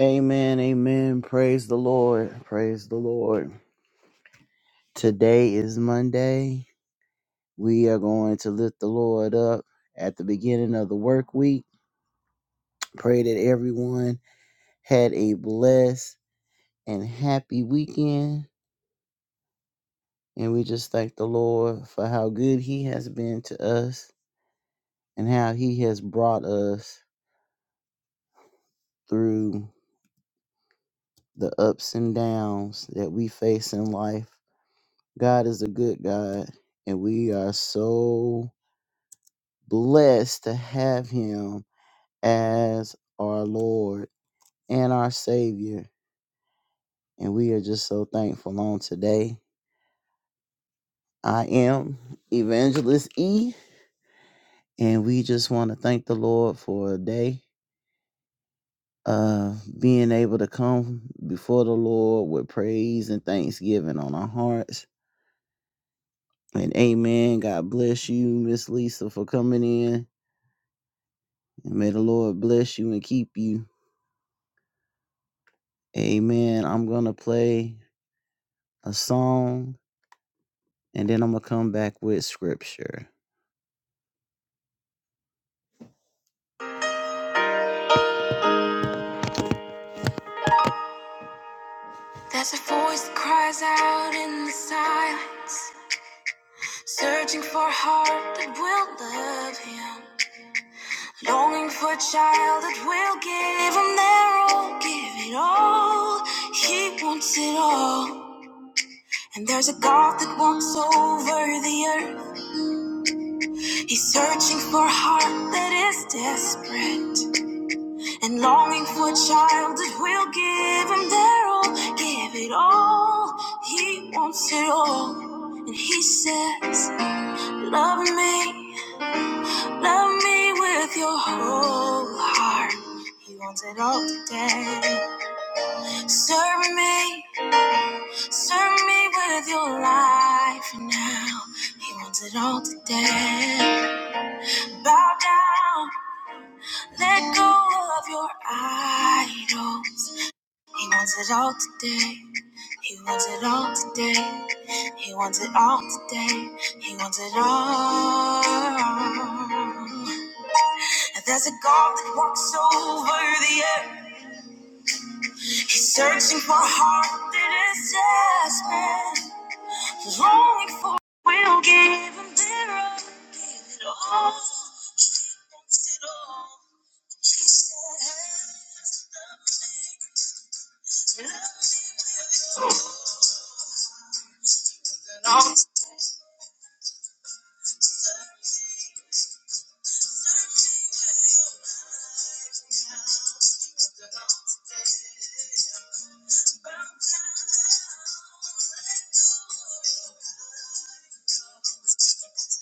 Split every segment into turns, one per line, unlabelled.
Amen, amen. Praise the Lord. Praise the Lord. Today is Monday. We are going to lift the Lord up at the beginning of the work week. Pray that everyone had a blessed and happy weekend. And we just thank the Lord for how good He has been to us and how He has brought us through the ups and downs that we face in life. God is a good God, and we are so blessed to have him as our Lord and our Savior. And we are just so thankful on today. I am Evangelist E, and we just want to thank the Lord for a day of being able to come before the Lord with praise and thanksgiving on our hearts. And amen. God bless you, Miss Lisa, for coming in. And may the Lord bless you and keep you. Amen. I'm going to play a song and then I'm gonna come back with scripture. There's a voice that cries out in the silence, searching for a heart that will love him, longing for a child that will give him their all, give it all. He wants it all. And there's a God that walks over the earth. He's searching for a heart that is desperate. And longing for a child that will give him their all, give it all. He wants it all. And he says, Love me, love me with your whole heart. He wants it all today. Serve me, serve me with your life now. He wants it all today. Bow down, let go of your idols. He wants it all today. He wants it all today. He wants it all today. He wants it all. And there's a God that walks over the earth. He's searching for a heart that is desperate, longing for. We'll give him their all. Give it all. Wants it all. He said,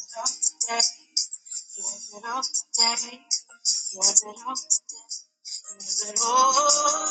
He wants it all today. He wants it all today. He wants it all. today.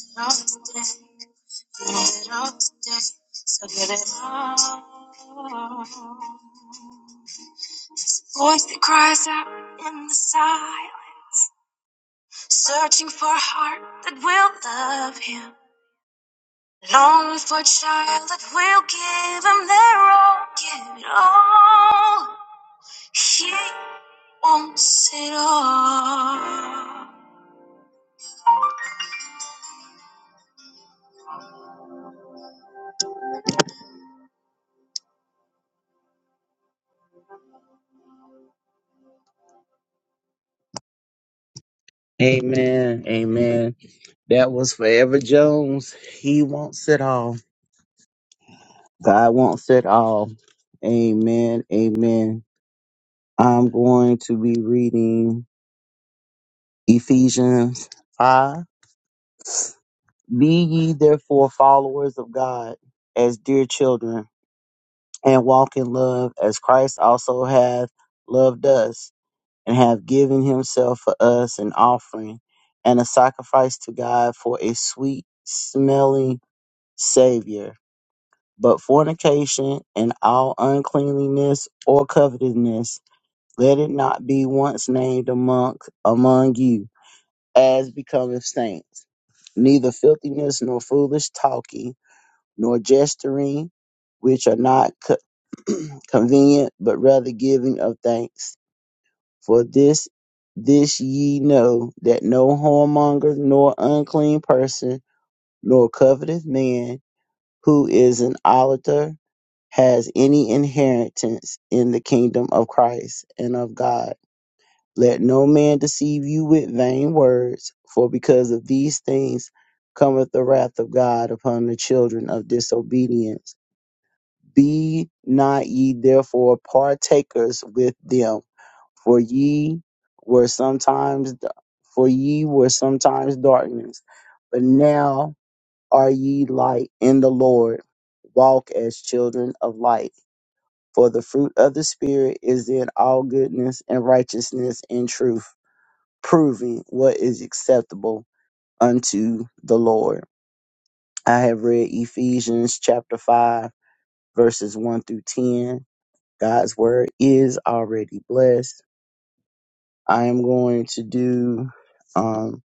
He wants it all today. so Voice that cries out in the silence, searching for a heart that will love him. Longing for a child that will give him their all, give it all. He wants it all. Amen. Amen. That was Forever Jones. He wants it all. God wants it all. Amen. Amen. I'm going to be reading Ephesians 5. Be ye therefore followers of God as dear children, and walk in love as Christ also hath loved us, and have given himself for us an offering and a sacrifice to God for a sweet smelling Savior. But fornication and all uncleanliness or covetousness, Let it not be once named among, among you, as becometh saints, neither filthiness, nor foolish talking, nor gesturing, which are not co- convenient, but rather giving of thanks. For this, this ye know, that no whoremonger, nor unclean person, nor covetous man, who is an idolater, has any inheritance in the kingdom of Christ and of God. Let no man deceive you with vain words, for because of these things cometh the wrath of God upon the children of disobedience. Be not ye therefore partakers with them, for ye were sometimes for ye were sometimes darkness, but now are ye light in the Lord. Walk as children of light. For the fruit of the Spirit is in all goodness and righteousness and truth proving what is acceptable unto the Lord. I have read Ephesians chapter 5, verses 1 through 10. God's word is already blessed. I am going to do um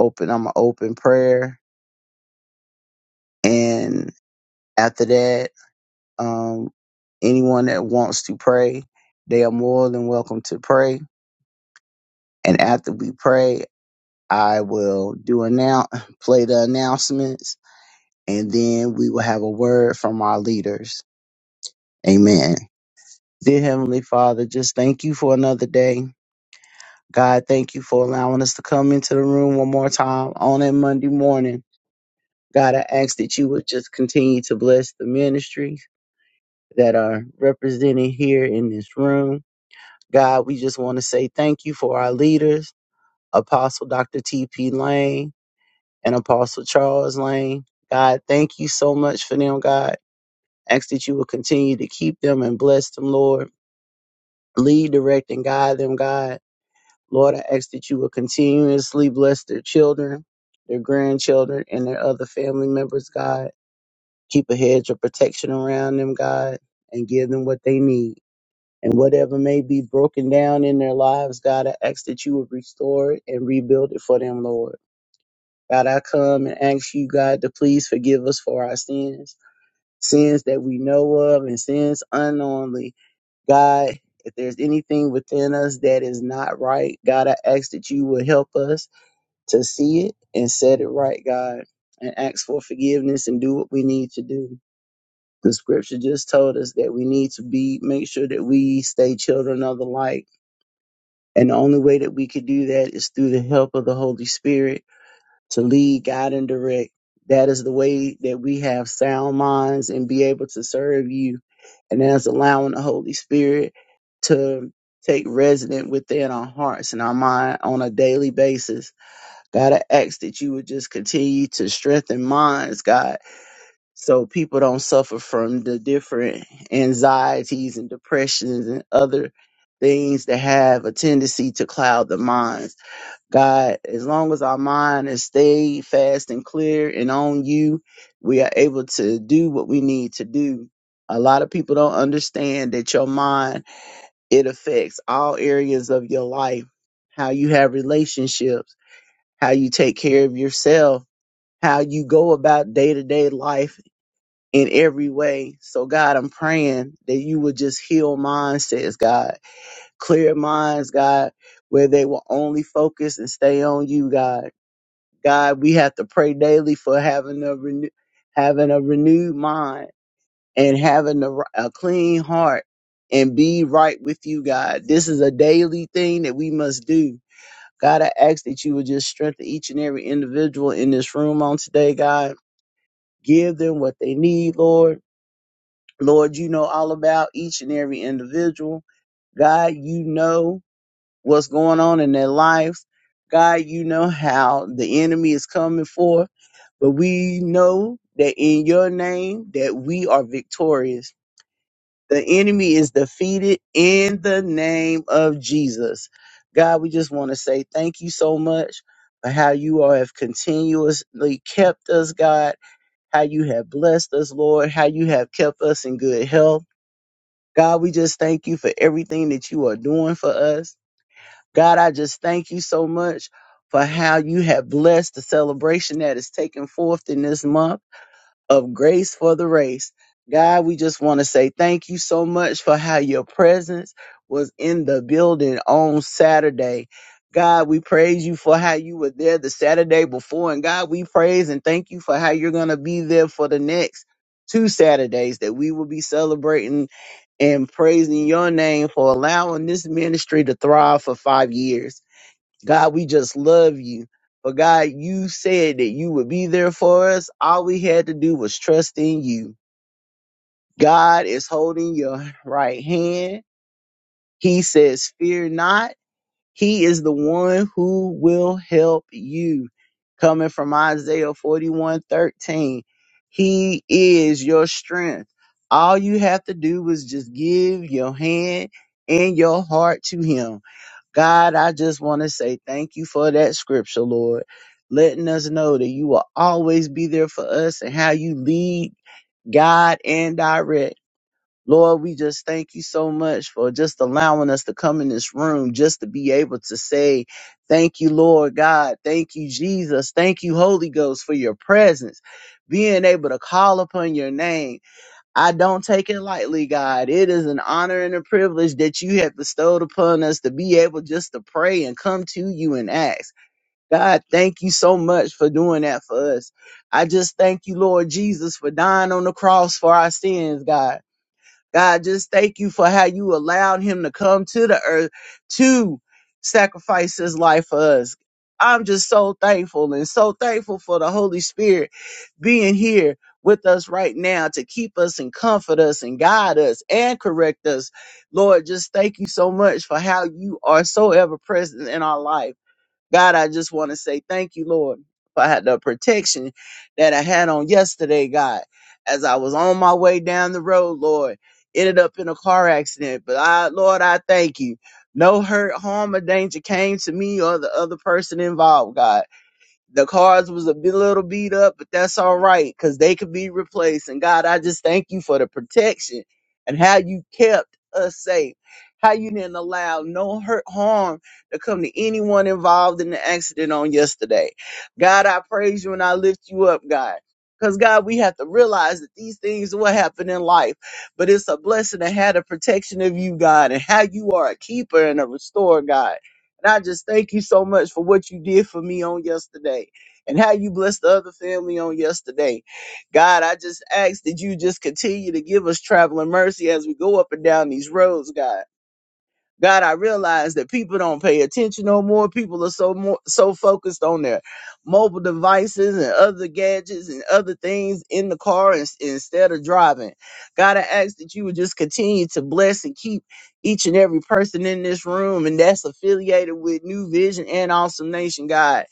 open I'm an open prayer and after that um anyone that wants to pray, they are more than welcome to pray. And after we pray, I will do announce play the announcements and then we will have a word from our leaders. Amen. Dear Heavenly Father, just thank you for another day. God, thank you for allowing us to come into the room one more time on that Monday morning. God, I ask that you would just continue to bless the ministries that are represented here in this room. God, we just want to say thank you for our leaders, Apostle Dr. T.P. Lane and Apostle Charles Lane. God, thank you so much for them, God. Ask that you will continue to keep them and bless them, Lord. Lead, direct, and guide them, God. Lord, I ask that you will continuously bless their children, their grandchildren, and their other family members, God. Keep a hedge of protection around them, God, and give them what they need. And whatever may be broken down in their lives, God, I ask that you would restore it and rebuild it for them, Lord. God, I come and ask you, God, to please forgive us for our sins, sins that we know of and sins unknowingly God, if there's anything within us that is not right, God, I ask that you will help us to see it and set it right, God, and ask for forgiveness and do what we need to do. The scripture just told us that we need to be, make sure that we stay children of the light. And the only way that we could do that is through the help of the Holy Spirit to lead, guide, and direct. That is the way that we have sound minds and be able to serve you. And that's allowing the Holy Spirit to take resident within our hearts and our mind on a daily basis. God, I ask that you would just continue to strengthen minds, God, so people don't suffer from the different anxieties and depressions and other things that have a tendency to cloud the minds. God, as long as our mind is stayed fast and clear and on you, we are able to do what we need to do. A lot of people don't understand that your mind, it affects all areas of your life, how you have relationships, how you take care of yourself, how you go about day to day life in every way. So God, I'm praying that you would just heal mindsets, God, clear minds, God, where they will only focus and stay on you, God. God, we have to pray daily for having a renew, having a renewed mind and having a, a clean heart and be right with you, God. This is a daily thing that we must do. God, I ask that you would just strengthen each and every individual in this room on today, God. Give them what they need, Lord. Lord, you know all about each and every individual. God, you know what's going on in their lives, God, you know how the enemy is coming for. But we know that in your name that we are victorious. The enemy is defeated in the name of Jesus. God, we just want to say thank you so much for how you all have continuously kept us, God, how you have blessed us, Lord, how you have kept us in good health. God, we just thank you for everything that you are doing for us. God, I just thank you so much for how you have blessed the celebration that is taking forth in this month of grace for the race. God, we just want to say thank you so much for how your presence was in the building on Saturday. God, we praise you for how you were there the Saturday before. And God, we praise and thank you for how you're going to be there for the next two Saturdays that we will be celebrating and praising your name for allowing this ministry to thrive for five years. God, we just love you. But God, you said that you would be there for us. All we had to do was trust in you. God is holding your right hand. He says, Fear not. He is the one who will help you. Coming from Isaiah 41 13, He is your strength. All you have to do is just give your hand and your heart to Him God, I just want to say thank you for that scripture, Lord, letting us know that you will always be there for us and how you lead, guide, and direct. Lord, we just thank you so much for just allowing us to come in this room just to be able to say, Thank you, Lord God. Thank you, Jesus. Thank you, Holy Ghost, for your presence, being able to call upon your name I don't take it lightly, God. It is an honor and a privilege that you have bestowed upon us to be able just to pray and come to you and ask. God, thank you so much for doing that for us. I just thank you, Lord Jesus, for dying on the cross for our sins, God. God, just thank you for how you allowed him to come to the earth to sacrifice his life for us. I'm just so thankful and so thankful for the Holy Spirit being here with us right now to keep us and comfort us and guide us and correct us. Lord, just thank you so much for how you are so ever present in our life. God, I just want to say thank you, Lord, for had the protection that I had on yesterday, God. As I was on my way down the road, Lord, ended up in a car accident. But I, Lord, I thank you. No hurt, harm, or danger came to me or the other person involved, God. The cars was a bit- little beat up, but that's all right because they could be replaced. And God, I just thank you for the protection and how you kept us safe. How you didn't allow no hurt harm to come to anyone involved in the accident on yesterday. God, I praise you and I lift you up, God. Because God, we have to realize that these things will happen in life, but it's a blessing to have the protection of you, God, and how you are a keeper and a restorer, God. And I just thank you so much for what you did for me on yesterday and how you blessed the other family on yesterday. God, I just ask that you just continue to give us traveling mercy as we go up and down these roads, God. God, I realize that people don't pay attention no more. People are so more so focused on their mobile devices and other gadgets and other things in the car in- instead of driving. God, I ask that you would just continue to bless and keep each and every person in this room and that's affiliated with New Vision and Awesome Nation, God.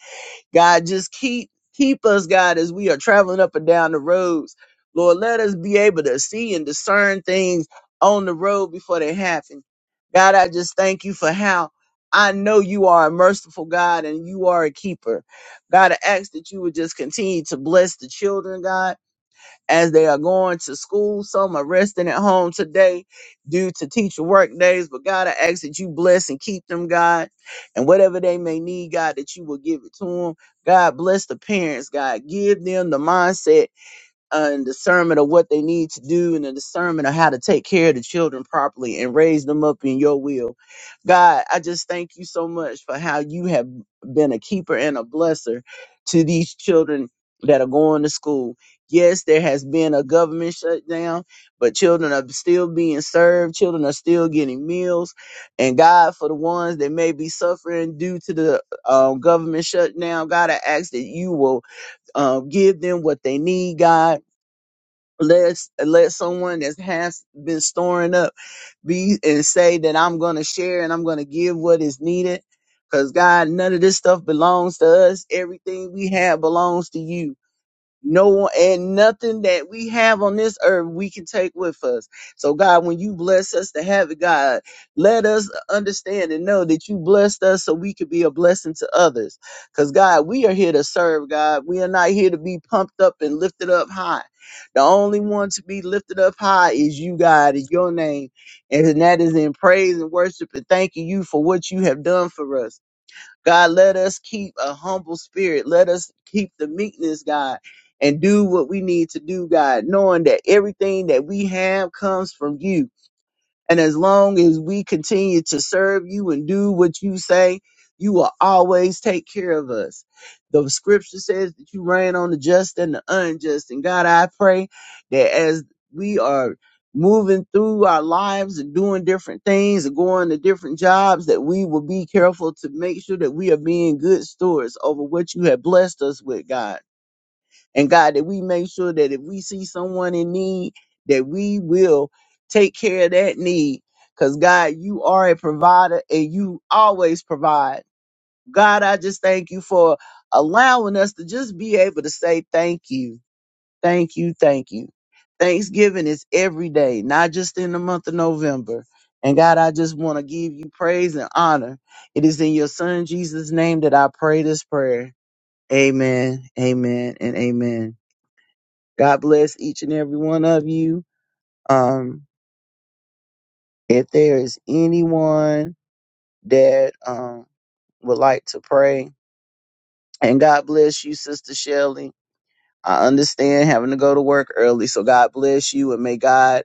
God, just keep keep us, God, as we are traveling up and down the roads. Lord, let us be able to see and discern things on the road before they happen. God, I just thank you for how I know you are a merciful God and you are a keeper. God, I ask that you would just continue to bless the children, God as they are going to school. Some are resting at home today due to teacher work days. But God, I ask that you bless and keep them, God. And whatever they may need, God, that you will give it to them. God, bless the parents, God. Give them the mindset uh, and discernment of what they need to do and the discernment of how to take care of the children properly and raise them up in your will. God, I just thank you so much for how you have been a keeper and a blesser to these children that are going to school. Yes, there has been a government shutdown, but children are still being served. Children are still getting meals. And God, for the ones that may be suffering due to the um, government shutdown, God, I ask that you will um, give them what they need, God let let someone that has been storing up be and say that I'm going to share and I'm going to give what is needed cuz God none of this stuff belongs to us everything we have belongs to you no and nothing that we have on this earth we can take with us. So God, when you bless us to have it, God, let us understand and know that you blessed us so we could be a blessing to others. Because God, we are here to serve God. We are not here to be pumped up and lifted up high. The only one to be lifted up high is you, God, is your name. And that is in praise and worship and thanking you for what you have done for us. God, let us keep a humble spirit. Let us keep the meekness, God, and do what we need to do, God, knowing that everything that we have comes from you. And as long as we continue to serve you and do what you say, you will always take care of us. The scripture says that you reign on the just and the unjust. And God, I pray that as we are moving through our lives and doing different things and going to different jobs, that we will be careful to make sure that we are being good stewards over what you have blessed us with, God. And God, that we make sure that if we see someone in need, that we will take care of that need. Because God, you are a provider and you always provide. God, I just thank you for allowing us to just be able to say thank you, thank you, thank you. Thanksgiving is every day, not just in the month of November. And God, I just want to give you praise and honor. It is in your son Jesus' name that I pray this prayer. Amen, amen, and amen. God bless each and every one of you. Um, if there is anyone that um, would like to pray, and God bless you, Sister Shelley. I understand having to go to work early, so God bless you and may God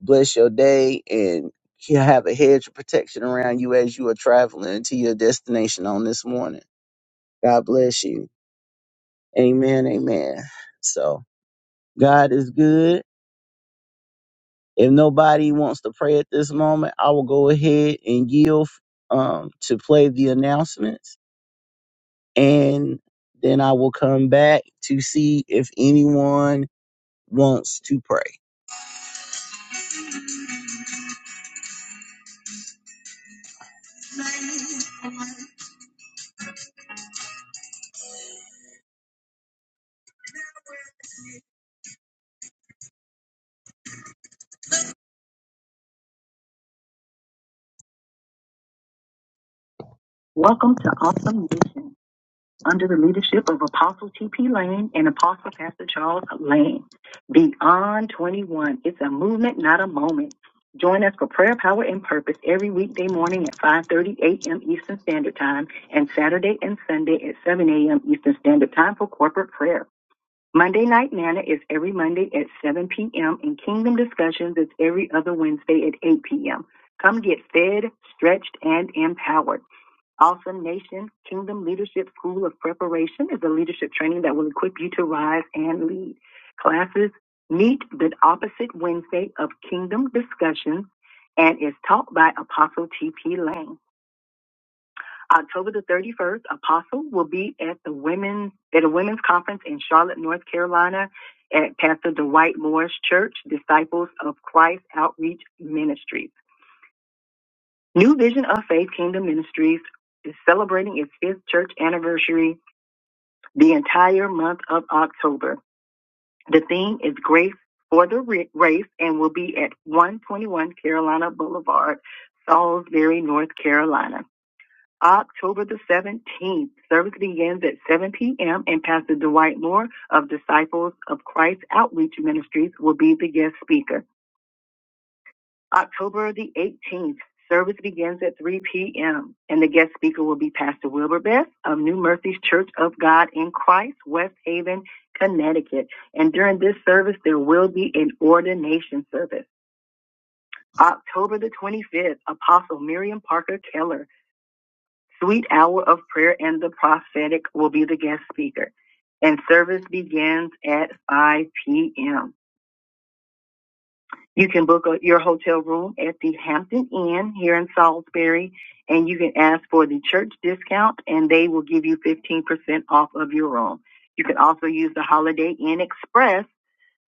bless your day and he- have a hedge of protection around you as you are traveling to your destination on this morning. God bless you. Amen. Amen. So God is good If nobody wants to pray at this moment, I will go ahead and yield um, to play the announcements, and then I will come back to see if anyone wants to pray. Welcome to Awesome Nation. under the leadership of Apostle T.P. Lane and Apostle Pastor Charles Lane. Beyond 21. It's a movement, not a moment. Join us for prayer, power, and purpose every weekday morning at 5.30 a.m. Eastern Standard Time and Saturday and Sunday at 7 a.m. Eastern Standard Time for corporate prayer. Monday Night Manna is every Monday at 7 p.m. and Kingdom Discussions is every other Wednesday at 8 p.m. Come get fed, stretched, and empowered. Awesome Nation Kingdom Leadership School of Preparation is a leadership training that will equip you to rise and lead. Classes meet the opposite Wednesday of Kingdom Discussions and is taught by Apostle T.P. Lane. October the 31st, Apostle will be at the women's at a women's conference in Charlotte, North Carolina at Pastor Dwight Moore's Church, Disciples of Christ Outreach Ministries. New Vision of Faith Kingdom Ministries is celebrating its fifth church anniversary the entire month of October. The theme is Grace for the Race and will be at 121 Carolina Boulevard, Salisbury, North Carolina. October the 17th, service begins at 7 p.m. and Pastor Dwight Moore of Disciples of Christ Outreach Ministries will be the guest speaker. October the 18th, service begins at 3 p.m. and the guest speaker will be Pastor Wilbur Best of New Mercies Church of God in Christ, West Haven, Connecticut. And during this service, there will be an ordination service. October the 25th, Apostle Miriam Parker Keller, Sweet Hour of Prayer and the Prophetic will be the guest speaker. And service begins at 5 p.m. You can book a, your hotel room at the Hampton Inn here in Salisbury, and you can ask for the church discount, and they will give you 15% off of your room. You can also use the Holiday Inn Express,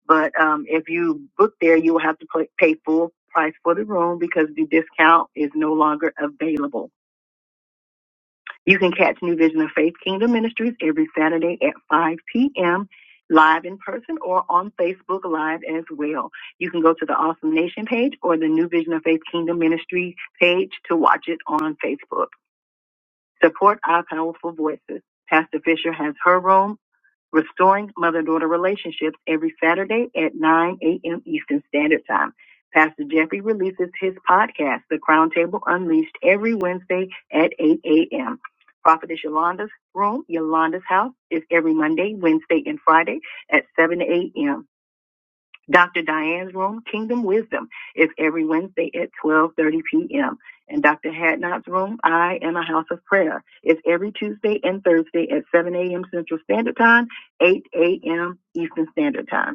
but um, if you book there, you will have to pay pay full price for the room because the discount is no longer available. You can catch New Vision of Faith Kingdom Ministries every Saturday at 5 p.m. live in person or on Facebook Live as well. You can go to the Awesome Nation page or the New Vision of Faith Kingdom Ministry page to watch it on Facebook. Support our powerful voices. Pastor Fisher has her room Restoring Mother Daughter Relationships every Saturday at 9 a.m. Eastern Standard Time. Pastor Jeffrey releases his podcast, The Crown Table Unleashed, every Wednesday at 8 a.m. Prophetess Yolanda's Room, Yolanda's House, is every Monday, Wednesday, and Friday at 7 a.m. Dr. Diane's room, Kingdom Wisdom, is every Wednesday at 12:30 p.m. And Dr. Hadnot's room, I Am a House of Prayer, is every Tuesday and Thursday at 7 a.m. Central Standard Time, 8 a.m. Eastern Standard Time.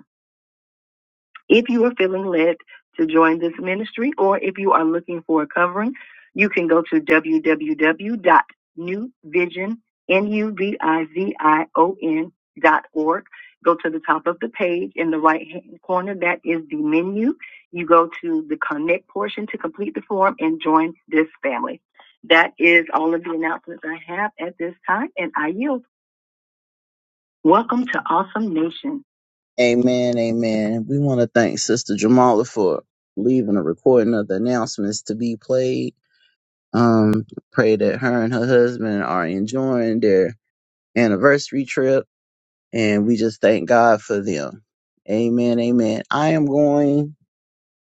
If you are feeling led to join this ministry or if you are looking for a covering, you can go to www.newvision, N-U-V-I-V-I-O-N dot new vision dot org. Go to the top of the page in the right hand corner. That is the menu. You go to the connect portion to complete the form and join this family. That is all of the announcements I have at this time and I yield. Welcome to Awesome Nation. Amen, amen. We want to thank Sister Jamala for leaving a recording of the announcements to be played. Um, pray that her and her husband are enjoying their anniversary trip, and we just thank God for them. Amen, amen. I am going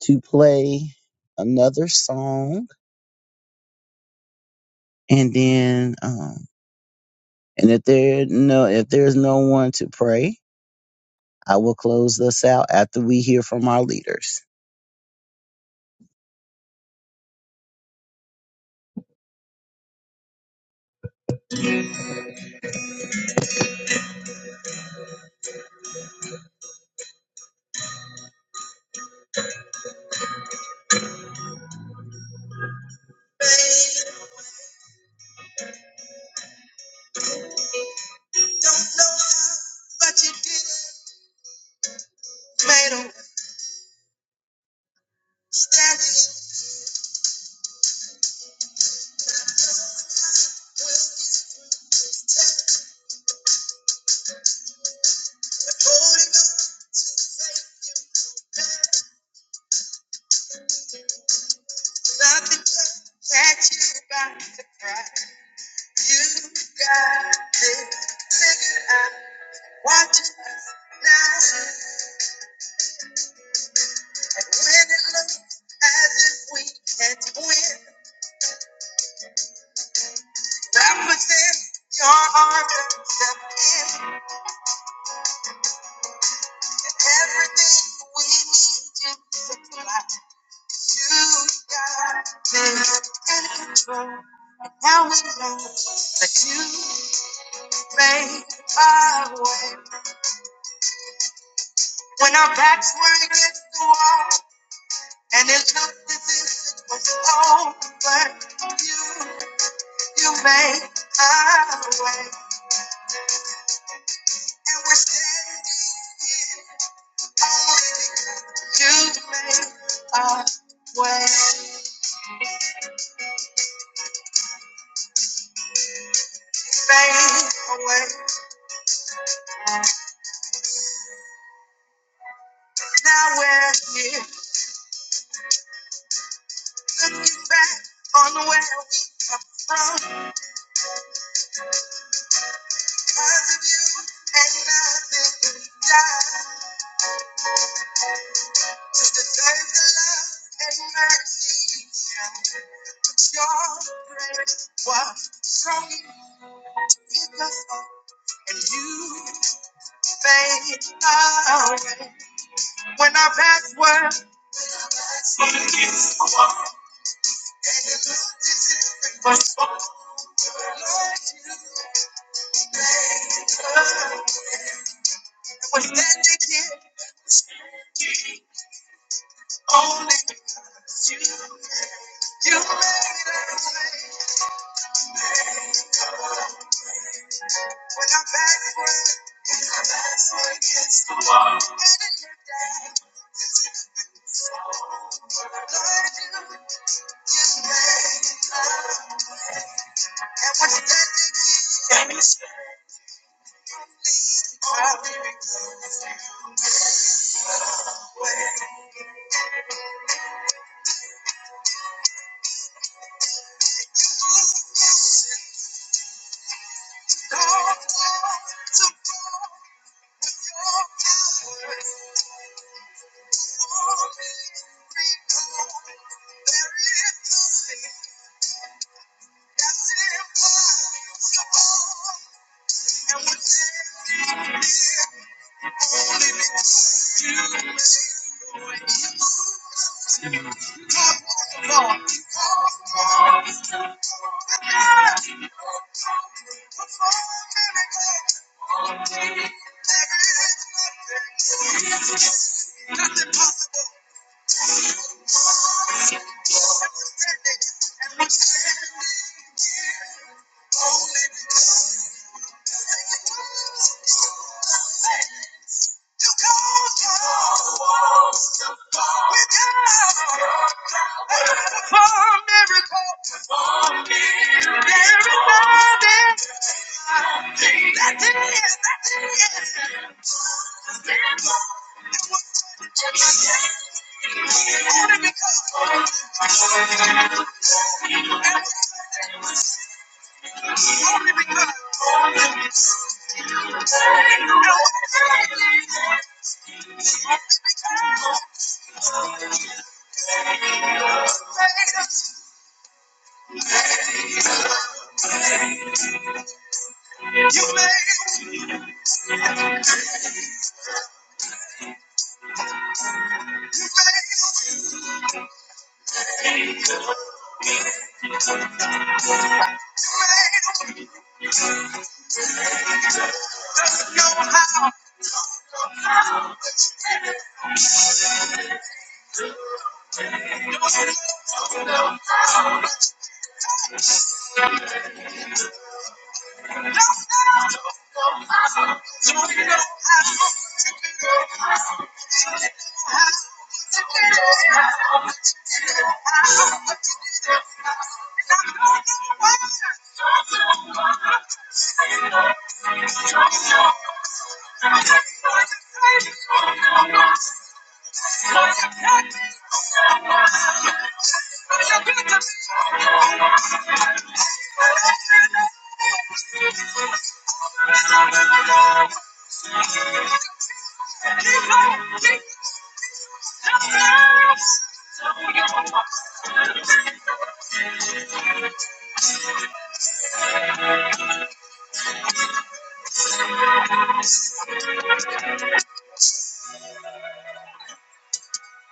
to play another song, and then, um, and if there no if there's no one to pray, I will close this out after we hear from our leaders. But you made 'em stand. Holding can catch you by surprise. You got it figured out. Watching us now, and when it looks as if we can't win, represent your arms and step in, and everything we need you to supply. You got it in control. And now we know that you. Make my way. When our backs were against the wall, and it looked as if it was over, you, you made my way. And we're standing here, only because you made a way, made a way. Now we're here, looking back on where we come from, because of you and nothing we die. To a kind of love and mercy. shown. Your grace was strong in us all, and you made a way. When our paths were was over, we're standing here only you made. When our past world was over, you called us. We're down. Perform miracles. There is nothing That day is that day in my life.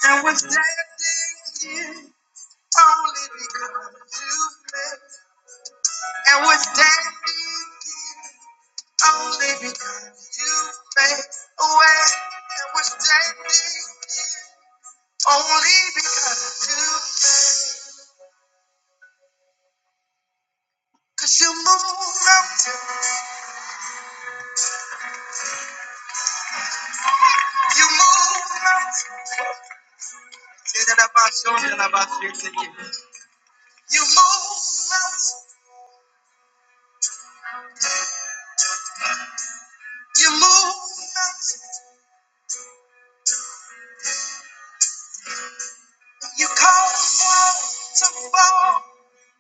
And with that day here, only because you made. And with that day here, only because you made a And with that day here, only because you made. Cause you move mountains, you move mountains. Say that about you, that about you, You move mountains, you move mountains. You cause walls to fall.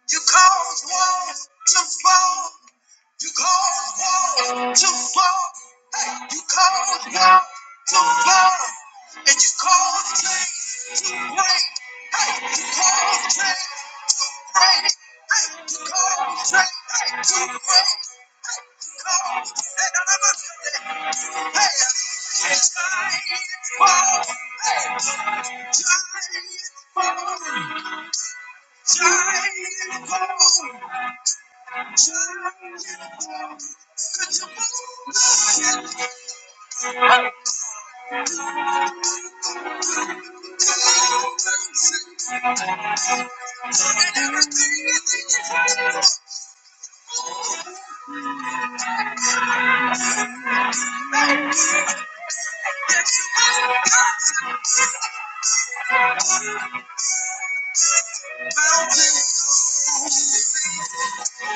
You cause walls to fall. You cause walls to fall. Hey, you cause walls to fall. And you cause chains to break. Hey, you cause chains to break. Hey, you cause chains to break. Hey, you cause and I'm a- Hey, chains fall. Hey, chains fall. Mountains are moving. Mountains are moving. Mountains are moving.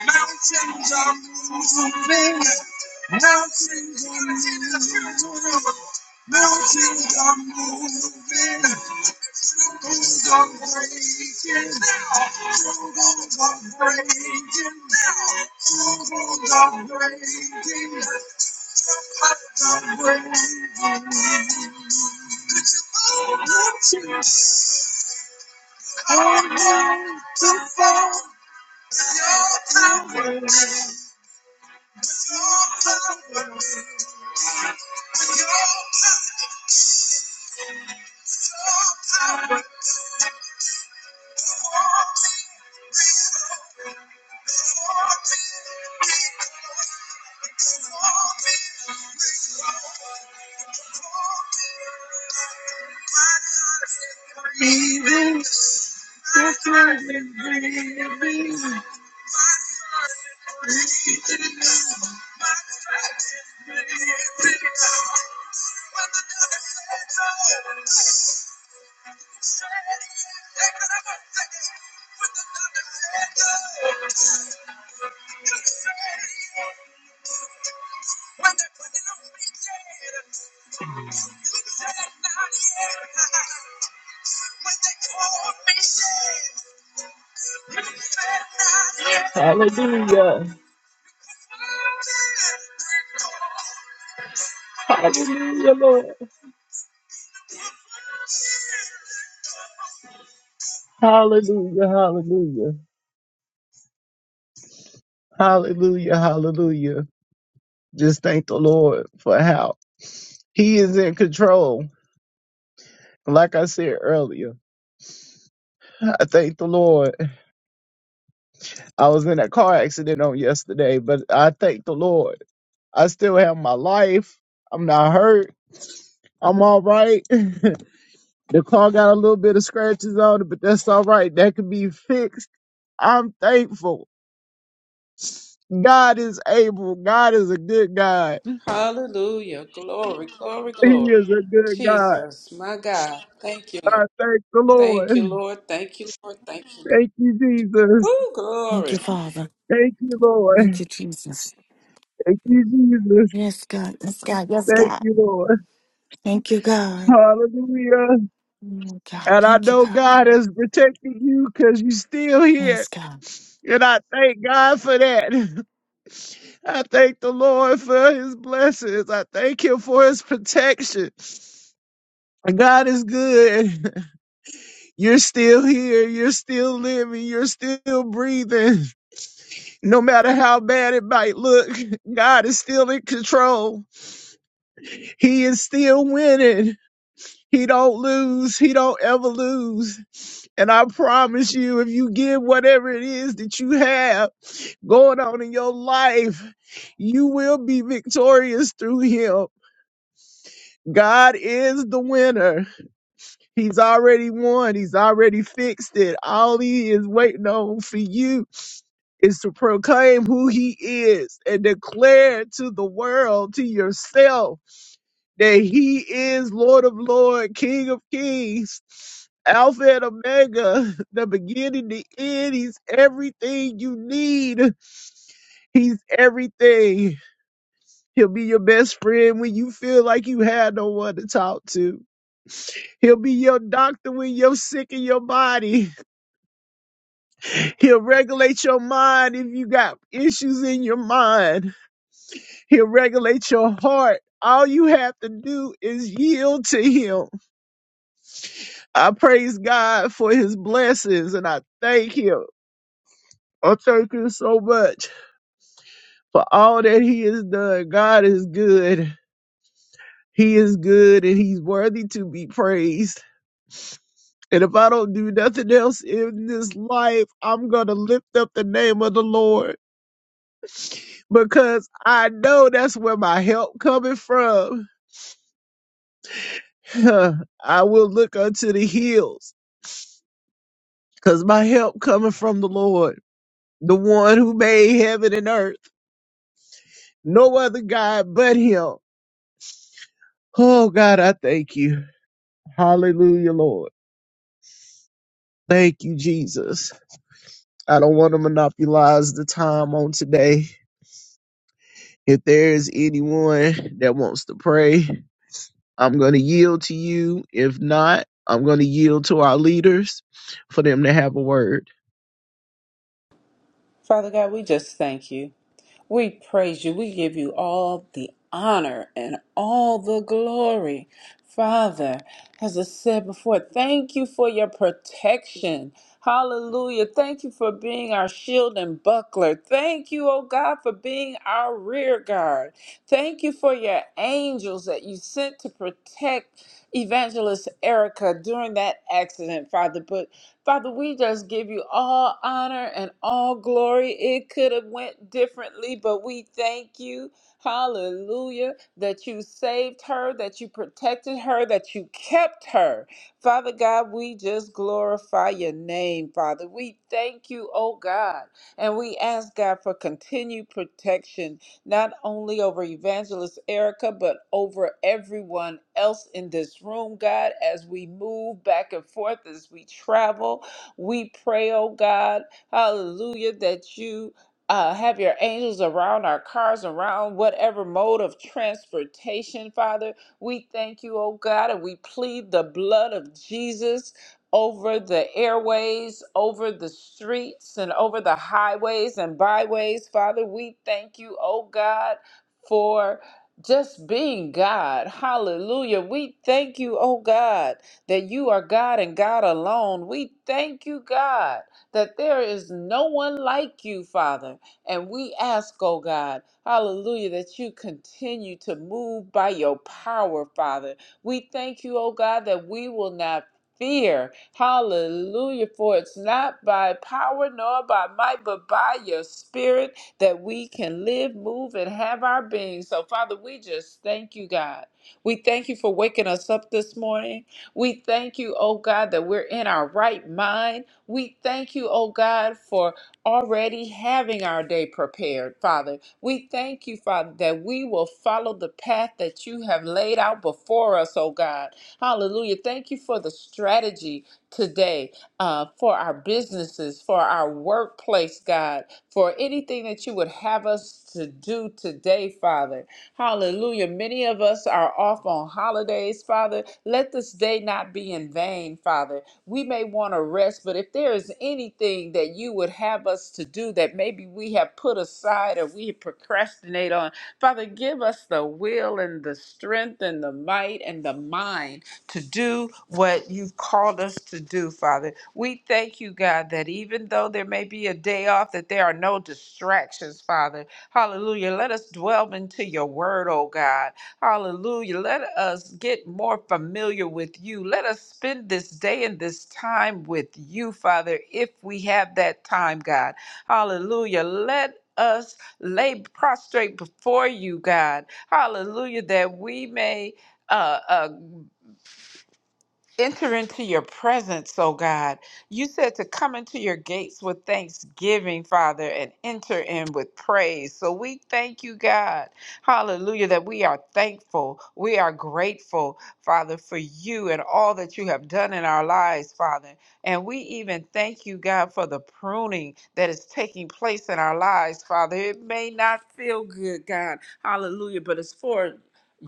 Mountains are breaking. Mountains are breaking. Mountains are breaking. When they put it on me dead, said not yet. When they called me dead, said not yet. Hallelujah. Hallelujah, Lord. Hallelujah. Hallelujah. Hallelujah. Hallelujah. Just thank the Lord for how He is in control. Like I said earlier, I thank the Lord. I was in a car accident on yesterday, but I thank the Lord. I still have my life. I'm not hurt. I'm all right. The car got a little bit of scratches on it, but that's all right. That can be fixed. I'm thankful. God is able. God is a good God. He
Hallelujah. Glory, glory, glory.
is a good God.
Jesus, my God. Thank you, Lord.
I thank the Lord.
Thank you, Lord. Thank you, Lord. Thank you, Lord.
Thank you, Jesus.
Ooh,
Thank
glory.
you, Father.
Thank you, Lord.
Thank you, Jesus.
Thank you, Jesus.
Yes, God. Yes, God. Yes,
Thank
God.
you, Lord.
Thank you, God.
Hallelujah.
Oh, God.
And I
Thank you,
know
God.
God is protecting you because you're still
Yes,
here.
God.
And I thank God for that. I thank the Lord for his blessings. I thank him for his protection. God is good. You're still here. You're still living. You're still breathing. No matter how bad it might look, God is still in control. He is still winning. He don't lose. He don't ever lose. And I promise you, if you give whatever it is that you have going on in your life, you will be victorious through him God is the winner. He's already won. He's already fixed it. All he is waiting on for you is to proclaim who he is and declare to the world, to yourself, that he is Lord of Lords, King of Kings, Alpha and Omega, the beginning, the end. He's everything you need. He's everything. He'll be your best friend when you feel like you had no one to talk to. He'll be your doctor when you're sick in your body. He'll regulate your mind if you got issues in your mind. He'll regulate your heart. All you have to do is yield to him. I praise God for his blessings and I thank him. I thank him so much for all that he has done. God is good. He is good and he's worthy to be praised. And if I don't do nothing else in this life, I'm going to lift up the name of the Lord. because I know that's where my help coming from. I will look unto the hills because my help coming from the Lord, the one who made heaven and earth, no other God but him. Oh God, I thank you. Hallelujah, Lord. Thank you, Jesus. I don't want to monopolize the time on today. If there is anyone that wants to pray, I'm going to yield to you. If not, I'm going to yield to our leaders for them to have a word.
Father God, we just thank you. We praise you. We give you all the honor and all the glory. Father, as I said before, thank you for your protection. Hallelujah. Thank you for being our shield and buckler. Thank you, oh God, for being our rear guard. Thank you for your angels that you sent to protect Evangelist Erica during that accident, Father. But Father, we just give you all honor and all glory. It could have went differently, but we thank you. Hallelujah. That you saved her, that you protected her, that you kept her. Father God, we just glorify your name, Father. We thank you, oh God. And we ask God for continued protection not only over Evangelist Erica, but over everyone else in this room, God, as we move back and forth, as we travel. We pray, oh God, hallelujah, that you. Uh, have your angels around our cars, around whatever mode of transportation, Father. We thank you, oh God, and we plead the blood of Jesus over the airways, over the streets, and over the highways and byways. Father, we thank you, oh God, for just being God. Hallelujah. We thank you, oh God, that you are God and God alone. We thank you, God, that there is no one like you, Father. And we ask, oh God, hallelujah, that you continue to move by your power, Father. We thank you, oh God, that we will not fear. Hallelujah. For it's not by power nor by might, but by your spirit that we can live, move, and have our being. So, Father, we just thank you, God. We thank you for waking us up this morning. We thank you, oh God, that we're in our right mind. We thank you, oh God, for already having our day prepared, Father. We thank you, Father, that we will follow the path that you have laid out before us, oh God. Hallelujah. Thank you for the strategy today uh, for our businesses, for our workplace, God, for anything that you would have us to do today, Father. Hallelujah. Many of us are off on holidays, Father. Let this day not be in vain, Father. We may want to rest, but if there is anything that you would have us to do that maybe we have put aside or we procrastinate on, Father, give us the will and the strength and the might and the mind to do what you've called us to do, Father. We thank you, God, that even though there may be a day off, that there are no distractions, Father. Hallelujah. Let us dwell into your word, oh God. Hallelujah. Let us get more familiar with you. Let us spend this day and this time with you, Father, if we have that time, God. Hallelujah. Let us lay prostrate before you, God. Hallelujah, that we may. Uh, uh, enter into your presence, oh God. You said to come into your gates with thanksgiving, Father, and enter in with praise. So we thank you, God. Hallelujah, that we are thankful. We are grateful, Father, for you and all that you have done in our lives, Father. And we even thank you, God, for the pruning that is taking place in our lives, Father. It may not feel good, God. Hallelujah, but it's for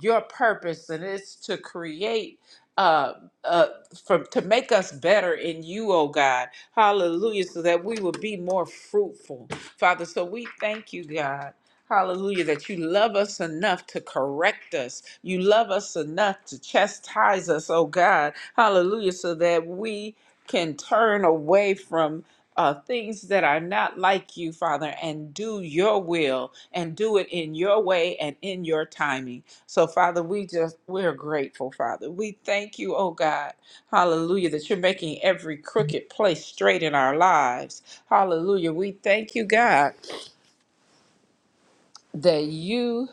your purpose and it's to create. uh uh, for to make us better in you, oh God. Hallelujah, so that we will be more fruitful, Father. So we thank you, God. Hallelujah, that you love us enough to correct us. You love us enough to chastise us, oh God. Hallelujah, so that we can turn away from uh, things that are not like you, Father, and do your will and do it in your way and in your timing. So, Father, we just, we're grateful, Father. We thank you, oh God, hallelujah, that you're making every crooked place straight in our lives. Hallelujah. We thank you, God, that you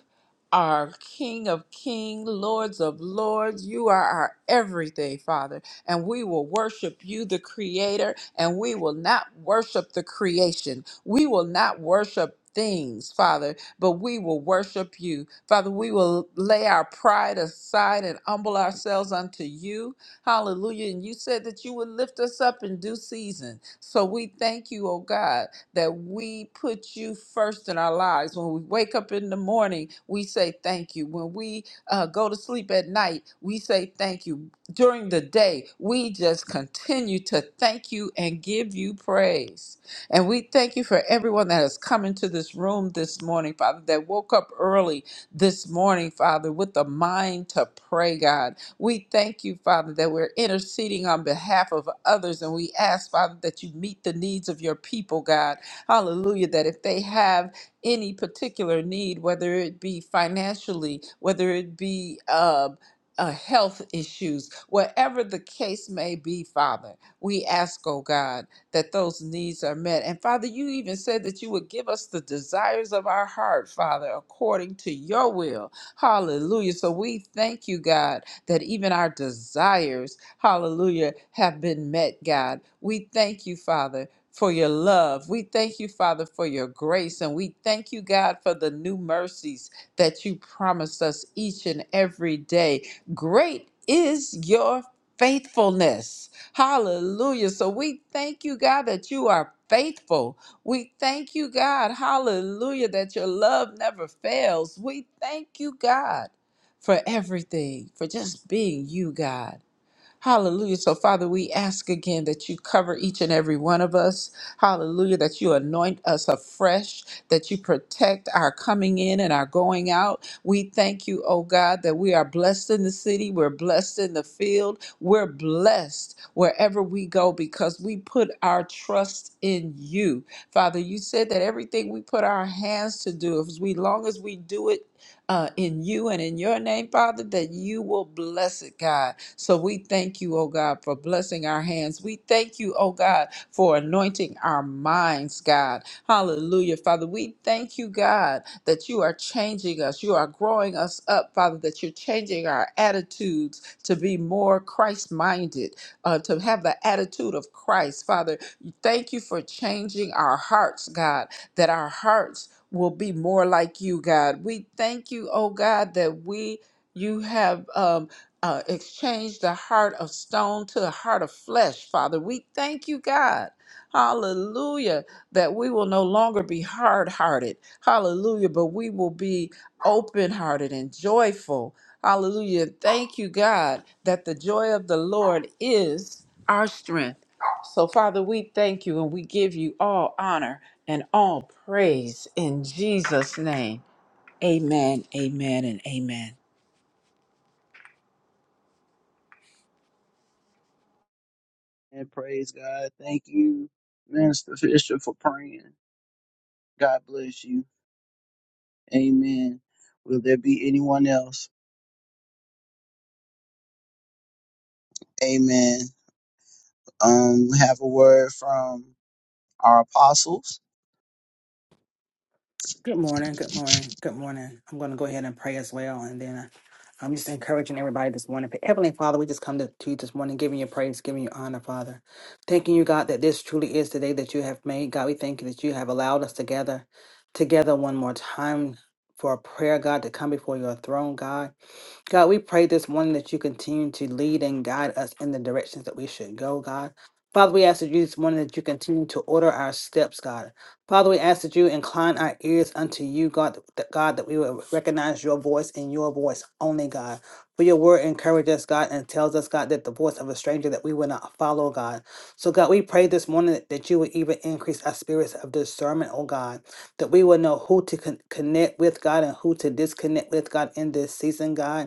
our King of Kings, Lords of Lords. You are our everything, Father. And we will worship you, the Creator, and we will not worship the creation. We will not worship things, Father, but we will worship you. Father, we will lay our pride aside and humble ourselves unto you. Hallelujah. And you said that you would lift us up in due season. So we thank you, oh God that we put you first in our lives. When we wake up in the morning, we say thank you. When we uh, go to sleep at night, we say thank you. During the day, we just continue to thank you and give you praise. And we thank you for everyone that has come into this room this morning, Father, that woke up early this morning, Father, with the mind to pray, God. We thank you, Father, that we're interceding on behalf of others. And we ask, Father, that you meet the needs of your people, God. Hallelujah. That if they have any particular need, whether it be financially, whether it be uh, uh, health issues, whatever the case may be, Father, we ask, oh God, that those needs are met. And Father, you even said that you would give us the desires of our heart, Father, according to your will. Hallelujah. So we thank you, God, that even our desires, hallelujah, have been met, God. We thank you, Father for your love. We thank you, Father, for your grace. And we thank you, God, for the new mercies that you promise us each and every day. Great is your faithfulness. Hallelujah. So we thank you, God, that you are faithful. We thank you, God, hallelujah, that your love never fails. We thank you, God, for everything, for just being you, God. Hallelujah. So, Father, we ask again that you cover each and every one of us. Hallelujah. That you anoint us afresh, that you protect our coming in and our going out. We thank you, oh God, that we are blessed in the city, we're blessed in the field, we're blessed wherever we go because we put our trust in you. Father, you said that everything we put our hands to do, as we long as we do it, uh, in you and in your name, Father, that you will bless it, God. So we thank you, oh God, for blessing our hands. We thank you, oh God, for anointing our minds, God. Hallelujah, Father. We thank you, God, that you are changing us. You are growing us up, Father, that you're changing our attitudes to be more Christ minded, uh, to have the attitude of Christ, Father. Thank you for changing our hearts, God, that our hearts will be more like you, God. We thank you, oh God, that we. You have um, uh, exchange the heart of stone to a heart of flesh, Father. We thank you, God. Hallelujah. That we will no longer be hard hearted. Hallelujah. But we will be open hearted and joyful. Hallelujah. Thank you, God, that the joy of the Lord is our strength. So, Father, we thank you and we give you all honor and all praise in Jesus' name. Amen, amen, and amen.
And praise God. Thank you, Minister Fisher, for praying. God bless you. Amen. Will there be anyone else? Amen. Um, we have a word from our apostles.
Good morning. Good morning. Good morning. I'm going to go ahead and pray as well. And then uh, I'm just encouraging everybody this morning. Heavenly Father, we just come to, to you this morning, giving you praise, giving you honor, Father. Thanking you, God, that this truly is the day that you have made. God, we thank you that you have allowed us together, together one more time for a prayer, God, to come before your throne, God. God, we pray this morning that you continue to lead and guide us in the directions that we should go, God. Father, we ask that you this morning that you continue to order our steps, God. Father, we ask that you incline our ears unto you, God, that, God, that we will recognize your voice and your voice only, God. For your word encourages us, God, and tells us, God, that the voice of a stranger that we will not follow, God. So, God, we pray this morning that, that you would even increase our spirits of discernment, oh God, that we will know who to con- connect with, God, and who to disconnect with, God, in this season, God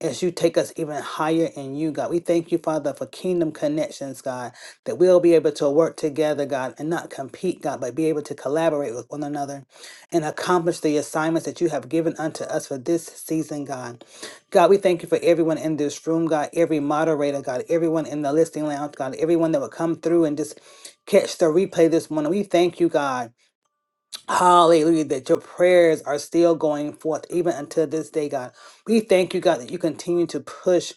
as you take us even higher in you, God. We thank you, Father, for kingdom connections, God, that we'll be able to work together, God, and not compete, God, but be able to collaborate with one another and accomplish the assignments that you have given unto us for this season, God. God, we thank you for everyone in this room, God, every moderator, God, everyone in the listening lounge, God, everyone that will come through and just catch the replay this morning. We thank you, God. Hallelujah, that your prayers are still going forth even until this day, God. We thank you, God, that you continue to push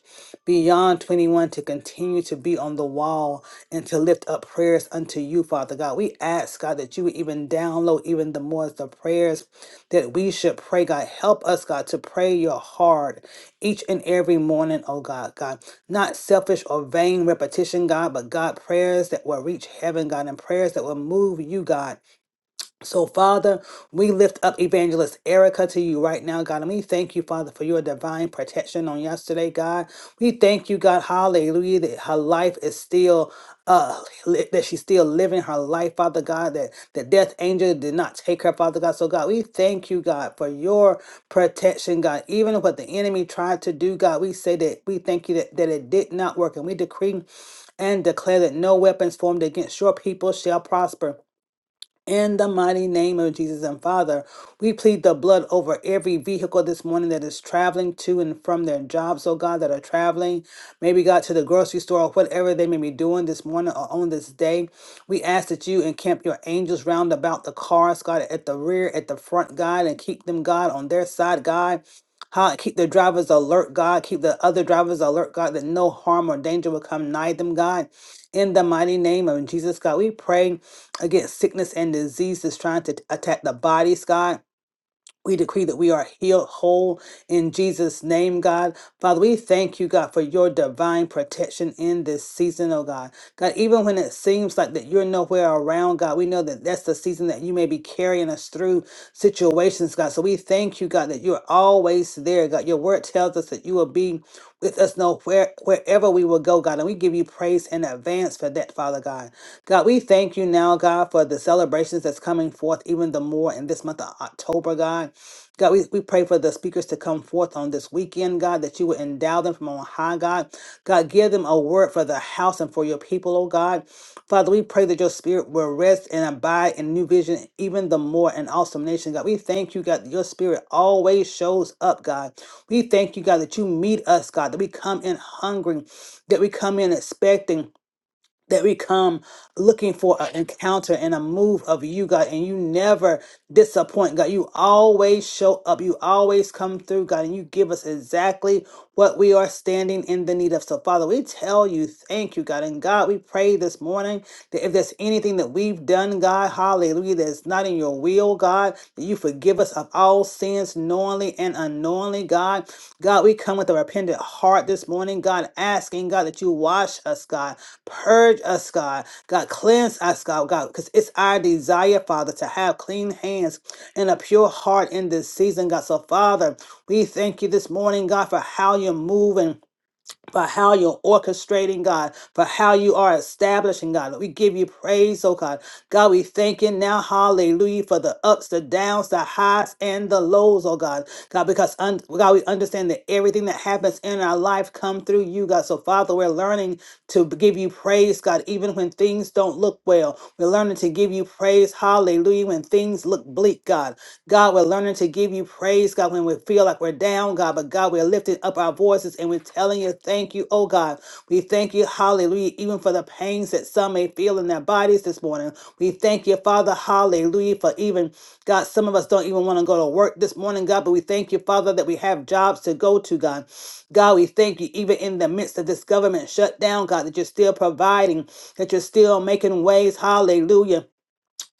beyond 21 to continue to be on the wall and to lift up prayers unto you, Father God. We ask, God, that you would even download even the more the prayers that we should pray, God. Help us, God, to pray your heart each and every morning, oh God, God. Not selfish or vain repetition, God, but God, prayers that will reach heaven, God, and prayers that will move you, God so, Father, we lift up Evangelist Erica to you right now, God. And we thank you, Father, for your divine protection on yesterday, God. We thank you, God, hallelujah, that her life is still, uh, li- that she's still living her life, Father God, that the death angel did not take her, Father God. So, God, we thank you, God, for your protection, God. Even what the enemy tried to do, God, we say that we thank you that, that it did not work. And we decree and declare that no weapons formed against your people shall prosper. In the mighty name of Jesus and Father, we plead the blood over every vehicle this morning that is traveling to and from their jobs, oh God, that are traveling, maybe God to the grocery store or whatever they may be doing this morning or on this day. We ask that you encamp your angels round about the cars, God, at the rear, at the front, God, and keep them, God, on their side, God. How keep the drivers alert, God. Keep the other drivers alert, God, that no harm or danger will come nigh them, God. In the mighty name of Jesus, God, we pray against sickness and disease that's trying to attack the bodies, God. We decree that we are healed whole in Jesus' name, God. Father, we thank you, God, for your divine protection in this season, oh God. God, even when it seems like that you're nowhere around, God, we know that that's the season that you may be carrying us through situations, God. So we thank you, God, that you're always there, God. Your word tells us that you will be with us nowhere, wherever we will go, God. And we give you praise in advance for that, Father God. God, we thank you now, God, for the celebrations that's coming forth even the more in this month of October, God. God, we, we pray for the speakers to come forth on this weekend, God, that you would endow them from on high, God. God, give them a word for the house and for your people, oh God. Father, we pray that your spirit will rest and abide in new vision even the more and awesome nation, God. We thank you, God, that your spirit always shows up, God. We thank you, God, that you meet us, God, that we come in hungering, that we come in expecting that we come looking for an encounter and a move of you, God, and you never disappoint, God. You always show up. You always come through, God, and you give us exactly what we are standing in the need of. So, Father, we tell you, thank you, God. And God, we pray this morning that if there's anything that we've done, God, hallelujah, that's not in your will, God, that you forgive. us forgive us of all sins knowingly and unknowingly, God. God, we come with a repentant heart this morning, God, asking, God, that you wash us, God, purge us, God, God, cleanse us, God, God, because it's our desire, Father, to have clean hands and a pure heart in this season, God. So, Father, we thank you this morning, God, for how you're moving for how you're orchestrating, God, for how you are establishing, God. We give you praise, oh God. God, we thank you now, hallelujah, for the ups, the downs, the highs, and the lows, oh God. God, because un- God, we understand that everything that happens in our life come through you, God. So, Father, we're learning to b- give you praise, God, even when things don't look well. We're learning to give you praise, hallelujah, when things look bleak, God. God, we're learning to give you praise praise, God, when we feel like we're down, God. But God, we're lifting up our voices and we're telling you, thank you, oh God. We thank you, hallelujah, even for the pains that some may feel in their bodies this morning. We thank you, Father, hallelujah, for even, God, some of us don't even want to go to work this morning, God, but we thank you, Father, that we have jobs to go to, God. God, we thank you, even in the midst of this government shutdown, God, that you're still providing, that you're still making ways, hallelujah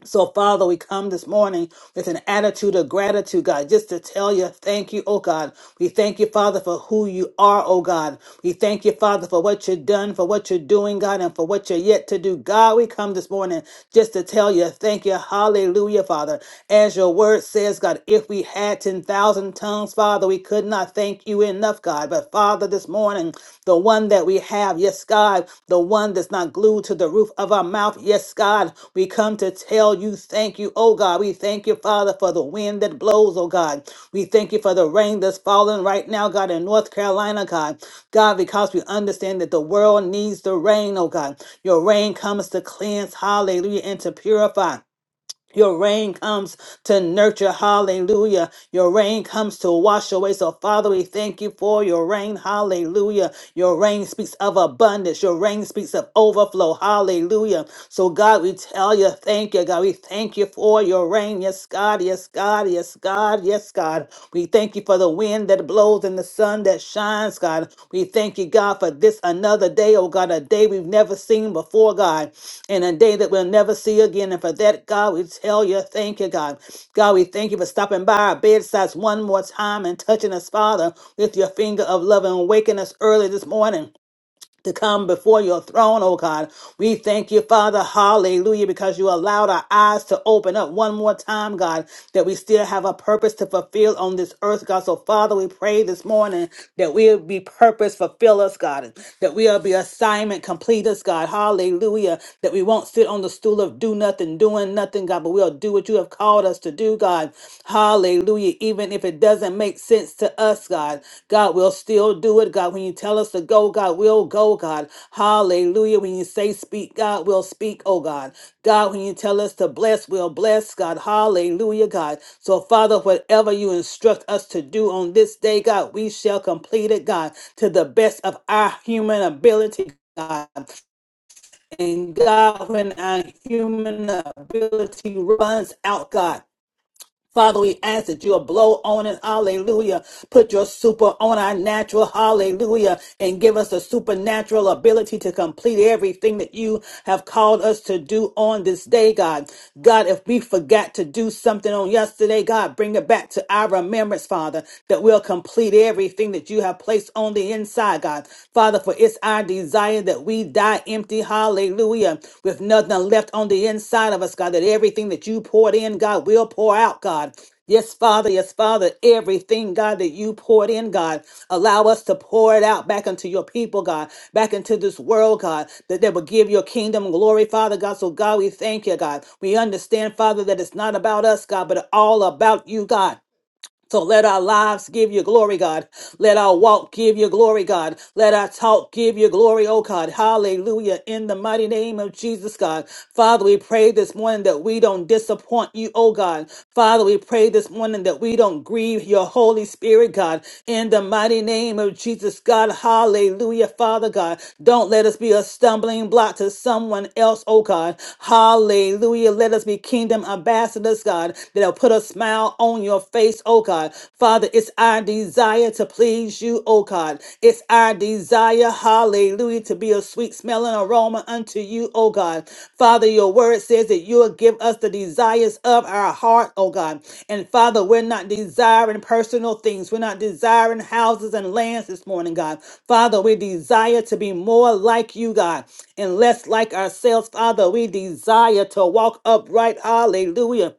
so, Father, we come this morning with an attitude of gratitude, God, just to tell you thank you, oh God. We thank you, Father, for who you are, oh God. We thank you, Father, for what you've done, for what you're doing, God, and for what you're yet to do. God, we come this morning just to tell you thank you. Hallelujah, Father. As your word says, God, if we had 10,000 tongues, Father, we could not thank you enough, God. But, Father, this morning, the one that we have, yes, God, the one that's not glued to the roof of our mouth, yes, God, we come to tell you thank you, oh God. We thank you, Father, for the wind that blows, oh God. We thank you for the rain that's falling right now, God, in North Carolina, God. God, because we understand that the world needs the rain, oh God. Your rain comes to cleanse, hallelujah, and to purify. Your rain comes to nurture. Hallelujah. Your rain comes to wash away. So, Father, we thank you for your rain. Hallelujah. Your rain speaks of abundance. Your rain speaks of overflow. Hallelujah. So, God, we tell you, thank you, God. We thank you for your rain. Yes, God. Yes, God. Yes, God. Yes, God. We thank you thank you for the wind that blows and the sun that shines, God. We thank you, God, for this another day, oh God, a day we've never seen before, God, and a day that we'll never see again. And for that, God, we tell you, thank you, God. God, we thank you for stopping by our bedsides one more time and touching us, Father, with your finger of love and waking us early this morning to come before your throne, oh God. We thank you, Father. Hallelujah, because you allowed our eyes to open up one more time, God, that we still have a purpose to fulfill on this earth, God. So, Father, we pray this morning that we'll be purpose fulfillers, God, that we'll be assignment completers, God. Hallelujah, that we won't sit on the stool of do nothing, doing nothing, God, but we'll do what you have called us to do, God. Hallelujah. Even if it doesn't make sense to us, God, God will still do it. God, when you tell us to go, God, we'll go, God. Hallelujah. When you say speak, God, we'll speak, oh God. God, when you tell us to bless, we'll bless, God. Hallelujah, God. So, Father, whatever you instruct us to do on this day, God, we shall complete it, God, to the best of our human ability. God. And God, when our human ability runs out, God. Father, we ask that you'll blow on us, hallelujah. Put your super on our natural, hallelujah, and give us a supernatural ability to complete everything that you have called us to do on this day, God. God, if we forgot to do something on yesterday, God, bring it back to our remembrance, Father, that we'll complete everything that you have placed on the inside, God. Father, for it's our desire that we die empty, hallelujah, with nothing left on the inside of us, God, that everything that you poured in, God, will pour out, God. Yes, Father, yes, Father, everything, God, that you poured in, God, allow us to pour it out back into your people, God, back into this world, God, that they will give your kingdom glory, Father God. So, God, we thank you, God. We understand, Father, that it's not about us, God, but all about you, God. So let our lives give you glory, God. Let our walk give you glory, God. Let our talk give you glory, oh God. Hallelujah. In the mighty name of Jesus, God. Father, we pray this morning that we don't disappoint you, oh God. Father, we pray this morning that we don't grieve your Holy Spirit, God. In the mighty name of Jesus, God. Hallelujah, Father God. Don't let us be a stumbling block to someone else, oh God. Hallelujah. Let us be kingdom ambassadors, God, that'll put a smile smile on your face, oh God. Father, it's our desire to please you, oh God. It's our desire, hallelujah, to be a sweet smelling aroma unto you, oh God. Father, your word says that you will give us the desires of our heart, oh God. And Father, we're not desiring personal things. We're not desiring houses and lands this morning, God. Father, we desire to be more like you, God, and less like ourselves. Father, we desire to walk upright. Hallelujah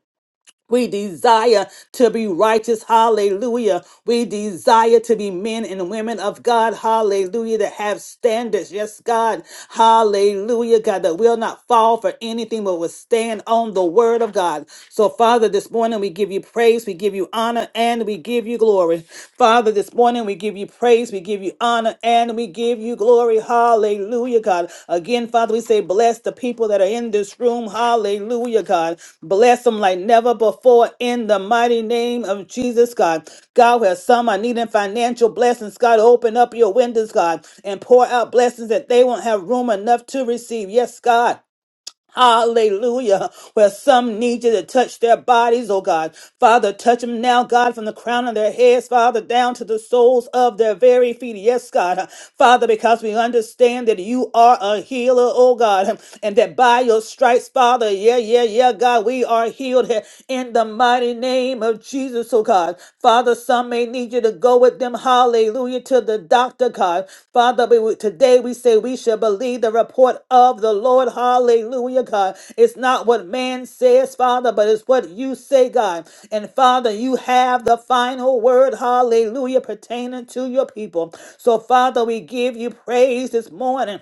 we desire to be righteous. Hallelujah. We desire to be men and women of God. Hallelujah. That have standards. Yes, God. Hallelujah. God, that will not fall for anything, but will stand on the word of God. So, Father, this morning we give you praise. We give you honor and we give you glory. Father, this morning we give you praise praise. We give you honor and we give you glory. Hallelujah, God. Again, Father, we say, bless the people that are in this room. Hallelujah, God. Bless them like never before in the mighty name of Jesus, God. God, where some are needing financial blessings, God, open up your windows, God, and pour out blessings that they won't have room enough to receive. Yes, God. Hallelujah. Where some need you to touch their bodies, oh God. Father, touch them now, God, from the crown of their heads, Father, down to the soles of their very feet. Yes, God. Father, because we understand that you are a healer, oh God, and that by your stripes, Father, yeah, yeah, yeah, God, we are healed in the mighty name of Jesus, oh God. Father, some may need you to go with them, hallelujah, to the doctor, God. Father, we, today we say we shall believe the report of the Lord, hallelujah, God. It's not what man says, Father, but it's what you say, God. And Father, you have the final word, hallelujah, pertaining to your people. So, Father, we give you praise this morning.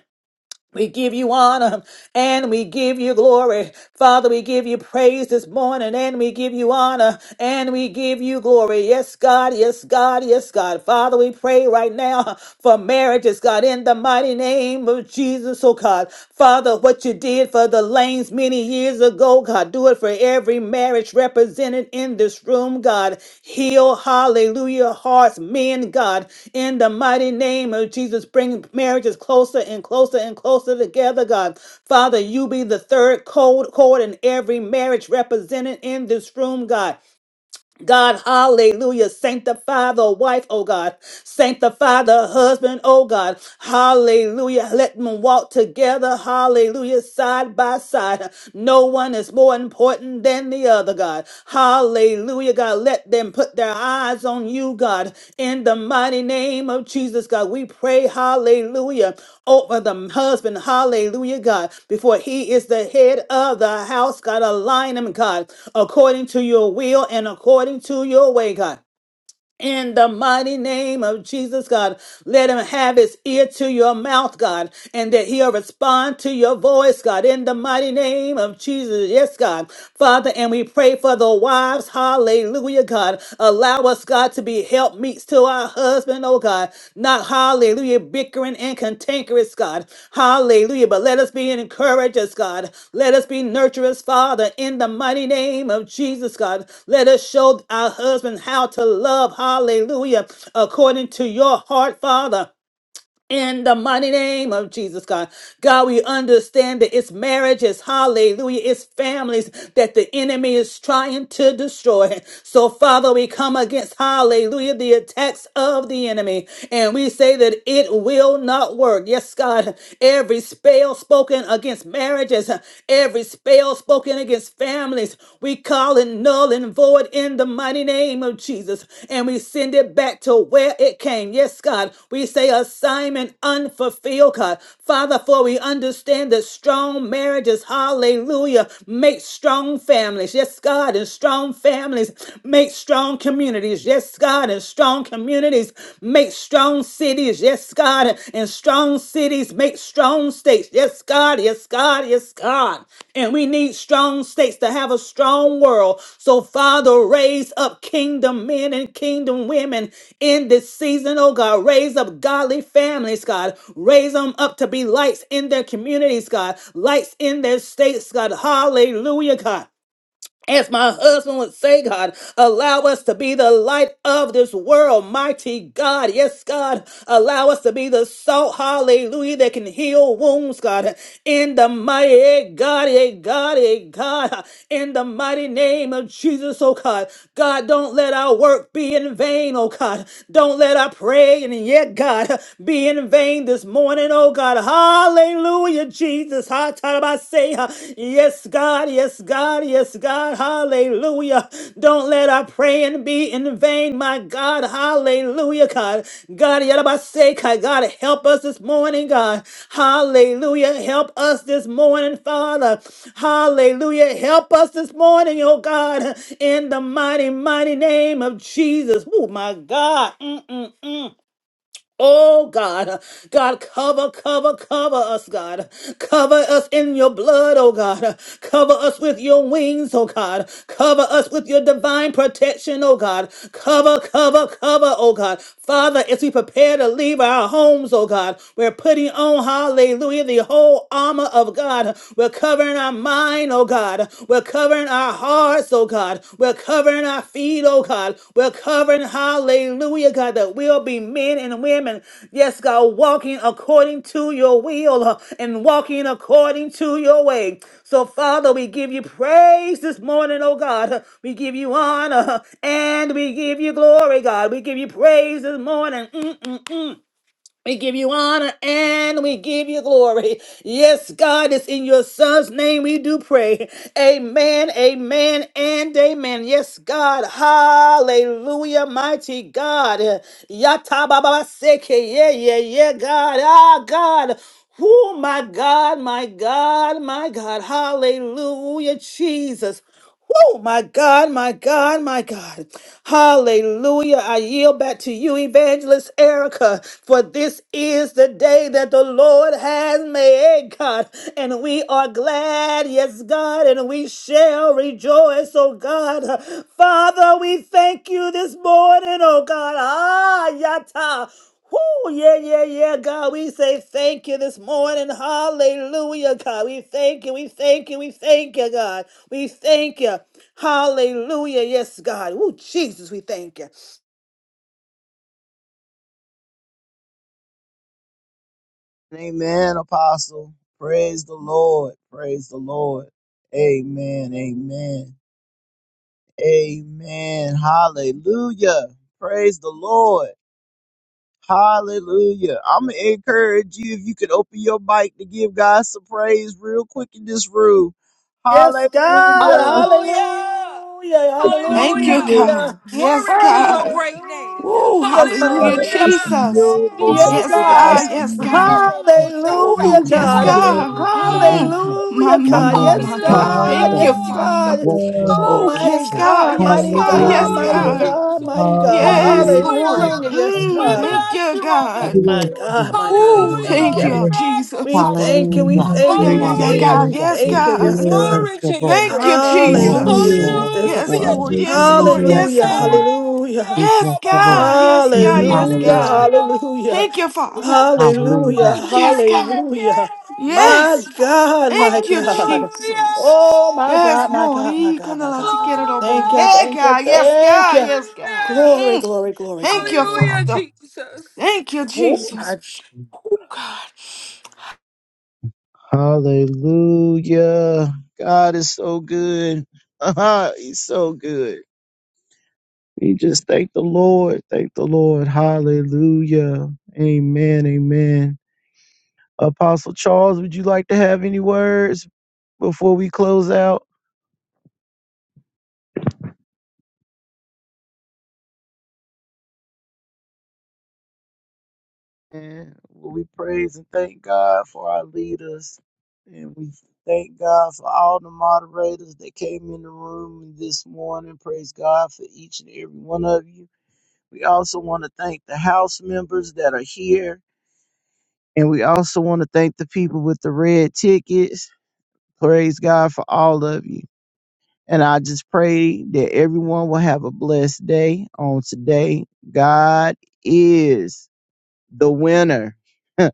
We give you honor and we give you glory. Father, we give you praise this morning and we give you honor and we give you glory. Yes, God, yes, God, yes, God. Father, we pray right now for marriages, God, in the mighty name of Jesus, oh God. Father, what you did for the lanes many years years ago, God. Do it for every marriage represented in this room, God. Heal, hallelujah, hearts, men, God. In the mighty name of Jesus, bring marriages closer and closer and closer together, God. Father, you be the third cold cord in every marriage represented in this room, God. God, hallelujah. Sanctify the wife, oh God. Sanctify the husband, oh God. Hallelujah. Let them walk together, hallelujah, side by side. No one is more important than the other, God. Hallelujah, God. Let them and put their eyes on you, God. In the mighty name of Jesus, God, we pray, hallelujah, over the husband, hallelujah, God, before he is the head of the house, God, align him, God, according to your will and according to your way, God. In the mighty name of Jesus, God, let him have his ear to your mouth, God, and that he'll respond to your voice, God, in the mighty name of Jesus. Yes, God. Father, and we pray for the wives. Hallelujah, God. Allow us, God, to be helpmeets to our husbands husband, oh God, not hallelujah, bickering and cantankerous, God. Hallelujah. But let us be encouragers, God. Let us be nurturers, Father, in the mighty name of Jesus, God. Let us show our husband how to love, hallelujah, according to your heart, Father in the mighty name of Jesus, God. God, we understand that it's marriages, hallelujah, it's families that the enemy is trying to destroy. So, Father, we come against, hallelujah, the attacks of the enemy, and we say that it will not work. Yes, God, every spell spoken against marriages, every spell spoken against families, we call it null and void in the mighty name of Jesus. And we send it back to where it came. Yes, God. We say assignment unfulfilled, God. Father, for we understand that strong marriages, hallelujah, make strong families. Yes, God. And strong families make strong communities. Yes, God. And strong communities make strong cities. Yes, God. And strong cities make strong states. Yes, God. Yes, God. Yes, God. And we need strong states to have a strong world. So, Father, raise up kingdom men and kingdom women in this season, oh God. Raise up godly families, God. Raise them up to be lights in their communities, God. Lights in their states, God. Hallelujah, God. As my husband would say, God, allow us to be the light of this world, mighty God. Yes, God, allow us to be the salt, hallelujah, that can heal wounds, God. In the mighty eh, God, eh, God, eh, God, in the mighty name of Jesus, oh God. God, don't let our work be in vain, oh God. Don't let our praying, yet, God, be in vain this morning, oh God. Hallelujah. Hallelujah, Jesus. Ha, ta, da, ba, say, ha. Yes, God. Yes, God. Yes, God. Hallelujah. Don't let our praying be in vain, my God. Hallelujah, God. God, ya, da, ba, say, God, God, help us this morning, God. Hallelujah. Help us this morning, Father. Hallelujah. Help us this morning, oh God, in the mighty, mighty name of Jesus. Oh, my God. Mm-mm-mm. Oh God, God, cover, cover, cover us, God. Cover us in your blood, oh God. Cover us with your wings, oh God. Cover us with your divine protection, oh God. Cover, cover, cover, oh God. Father, as we prepare to leave our homes, oh God, we're putting on, hallelujah, the whole armor of God. We're covering our mind, oh God. we're. We're covering our hearts, oh God. We're covering our feet, oh God. We're covering, hallelujah, God, that we'll be men and women, yes, God, walking according to your will uh, and walking according to your way. So, Father, we give you praise this morning, oh God. We give you honor and we give you glory, God. We give you praise this morning. Mm-mm-mm. We give you honor and we give you glory. Yes, God, it's in your son's name we do pray. Amen, amen, and amen. Yes, God. Hallelujah, mighty God. Yatababaseke. Yeah, yeah, yeah, God. Ah, God. Oh, my God, my God, my God. Hallelujah, Jesus. Oh, my God, my God, my God. Hallelujah. I yield back to you, Evangelist Erica, for this is the day that the Lord has made, God. And we are glad, yes, God, and we shall rejoice, oh God. Father, we thank you this morning, oh God. Ah, yata. Whoo, yeah, yeah, yeah, God. We say thank you this morning. Hallelujah, God. We thank you, we thank you, we thank you, God. We thank you. Hallelujah. Yes, God. Oh, Jesus, we thank you.
Amen, apostle. Praise the Lord. Praise the Lord. Amen. Amen. Amen. Hallelujah. Praise the Lord. Hallelujah. I'm going to encourage you if you could open your mic to give God some praise real quick in this room.
Yes,
Hallelujah.
God. Hallelujah.
Hallelujah.
Thank you,
Thank you,
Hallelujah.
Jesus.
Hallelujah.
God. Yes,
Glory to your
God.
great name.
Hallelujah.
Woo, hallelujah,
God.
Father,
What
Hallelujah.
it's
about you
Jesus.
say?
your
We
most
Glory.
Yes,
magnify
Yes,
so-called of my
God.
God. Yes,
sin.
God.
you.
In
Hallelujah,
Woo,
We give
yes,
God.
thanks thank
Jesus.
God.
you.
Mm.
Hallelujah.
Hallelujah.
My,
Hallelujah,
my,
God.
my, my,
Glory,
Yes,
my,
glory,
God.
God.
Thank
glory.
you,
Yes,
Hallelujah.
Father.
God.
Glory,
Hallelujah.
Ooh,
Oh,
glory,
mighty
yes,
glory.
God.
God,
Glory!
Yes,
mighty
God.
Glory,
God,
Yes,
Hallelujah,
mighty
Hallelujah.
God.
Jesus.
God, mighty God.
Yes,
Hallelujah.
glory,
Hallelujah,
Lord.
Lord.
Hallelujah.
glory. Hallelujah.
Yes,
Thank
Mm,
We
you,
God.
God.
thank
bless
you,
you all this
God.
Thank
My
you,
morning.
God,
Jesus.
my God, we
Oh,
Hallelujah,
thank
thank
Lord.
you.
Hallelujah.
We
you, Jesus.
We
magnify your
thank you,
name.
we
Hallelujah.
Oh,
thank you,
yeah,
we
yeah, yeah,
thank you,
Hallelujah,
we
God.
Hallelujah.
Yes,
thank
Jesus.
you. Yes,
God.
God.
Thank
Glory
you,
to your
Lord.
Thank
great
you,
name.
Glory,
Hallelujah,
Jesus.
glory,
Jesus.
Yes,
Hallelujah,
glory.
Lord. Yes,
We
Jesus.
Lord.
bless
Yes,
Hallelujah,
you, Lord.
Lord.
Hey,
hallelujah.
We
Yes,
bless you, Lord.
God.
Yarabosata.
Yes, God. Yes,
Hallelujah,
Hallelujah.
God.
Hallelujah.
hallelujah.
Thank you, Father.
Hallelujah.
Hallelujah,
Ooh,
Yarabos-
Yes, God.
Yarabos-
hallelujah. My
Yes.
Yarabosata.
God, my
Thank you,
God.
Jesus.
Oh, my
Yes,
God, my
Lord.
God, my
Hallelujah.
Ee,
God, my
kandala
Glory.
God, my God.
tikerobo.
Thank you,
Hey,
thank you,
God. Yes,
thank
God.
you.
Yes, God.
Hallelujah.
Glory,
Mm.
glory, glory,
Thank
glory,
you,
glory.
Hallelujah,
Father.
Jesus.
Thank you,
Oh, my.
Jesus. Oh, God.
Hallelujah. God is so good. He's so good. We just thank the Lord. Thank the Lord. Hallelujah. Amen. Amen. Apostle Charles, would you like to have any words before we close out? And will we praise and thank God for our leaders. And we thank God for all the moderators that came in the room this morning. Praise God for each and every one of you. We also want to thank the house members that are here. And we also want to thank the people with the red tickets. Praise God for all of you. And I just pray that everyone will have a blessed day on today. God is the winner. and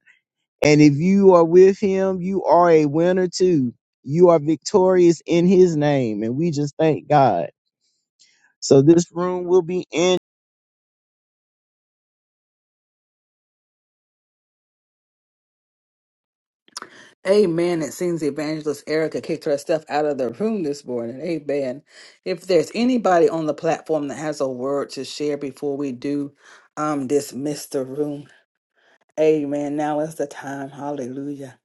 if you are with him, you are a winner too. You are victorious in his name. And we just thank God. So this room will be in.
Amen. It seems Evangelist Erica kicked her stuff out of the room this morning. Amen. If there's anybody on the platform that has a word to share before we do um dismiss the room, amen. Now is the time. Hallelujah.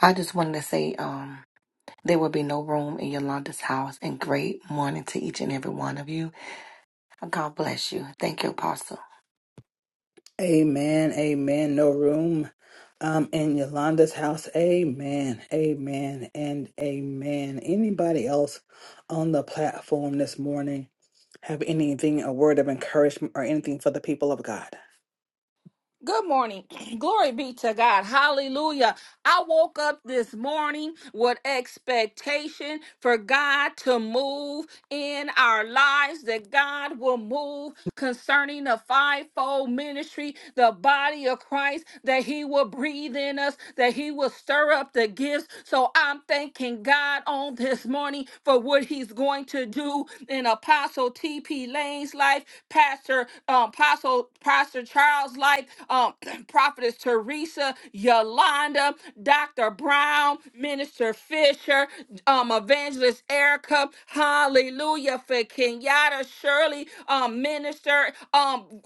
I just wanted to say um, there will be no room in Yolanda's house. And great morning to each and every one of you. God bless you. Thank you, Apostle.
Amen. Amen. No room um in Yolanda's house. Amen. Amen. And amen. Anybody else on the platform this morning have anything, a word of encouragement or anything for the people of God?
Good morning. Glory be to God. Hallelujah. I woke up this morning with expectation for God to move in our lives, that God will move concerning the fivefold ministry, the body of Christ, that He will breathe in us, that He will stir up the gifts. So I'm thanking God on this morning for what He's going to do in Apostle T.P. Lane. Mary's life, Pastor um, Apostle Pastor Charles' life, um, Prophetess Teresa, Yolanda, Dr. Brown, Minister Fisher, um, Evangelist Erica, Hallelujah for Kenyatta Shirley, um, Minister, um,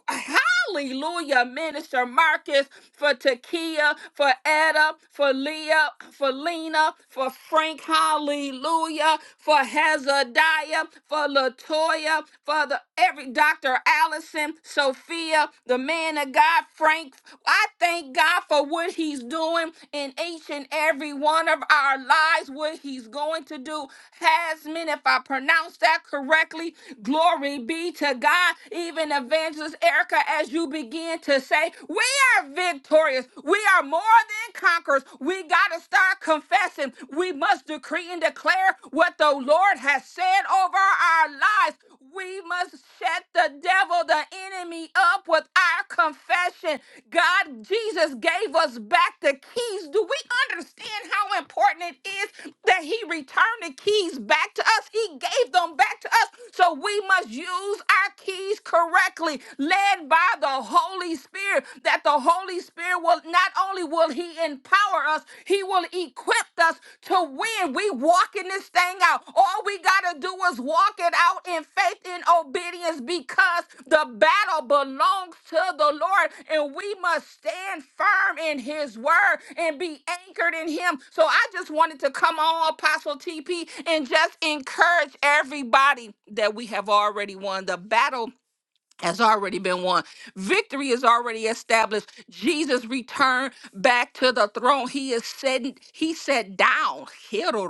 Hallelujah, Minister Marcus, for Takia, for Etta, for Leah, for Lena, for Frank. Hallelujah, for Hazadiah, for Latoya, for the every Dr. Allison, Sophia, the man of God, Frank. I thank God for what He's doing in each and every one of our lives, what He's going to do. Hasmin, if I pronounce that correctly, glory be to God. Even evangelists. Erica, as you begin to say, we are victorious. We are more than conquerors. We got to start confessing. We must decree and declare what the Lord has said over our lives. We must shut the devil, the enemy, up with our confession. God, Jesus gave us back the keys. Do we understand how important it is that He returned the keys back to us? He gave them back to us. So we must use our keys correctly correctly, led by the Holy Spirit, that the Holy Spirit will not only will he empower us, he will equip us to win. We walking this thing out. All we gotta do is walk it out in faith and obedience because the battle belongs to the Lord and we must stand firm in his word and be anchored in him. So I just wanted to come on, Apostle TP, and just encourage everybody that we have already won the battle has already been won. Victory is already established. Jesus returned back to the throne. He is sitting, he sat down. Hero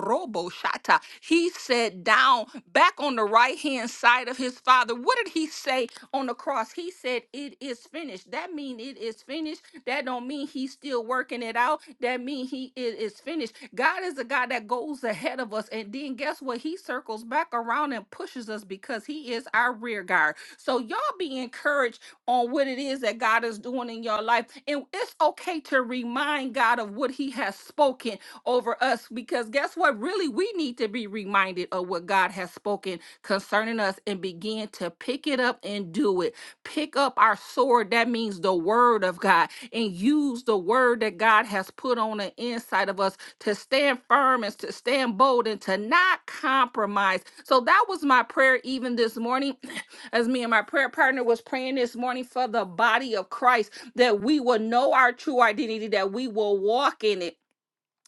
He sat down back on the right hand side of his father. What did he say on the cross? He said, It is finished. That mean it is finished. That don't mean he's still working it out. That mean he it is finished. God is a God that goes ahead of us. And then guess what? He circles back around and pushes us because he is our rear guard. So y'all be encouraged on what it is that God is doing in your life. And it's okay to remind God of what he has spoken over us because guess what? Really, we need to be reminded of what God has spoken concerning us and begin to pick it up and do it. Pick up our sword, that means the word of God, and use the word that God has put on the inside of us to stand firm and to stand bold and to not compromise. So that was my prayer even this morning as me and my prayer partner was praying this morning for the body of Christ, that we will know our true identity, that we will walk in it.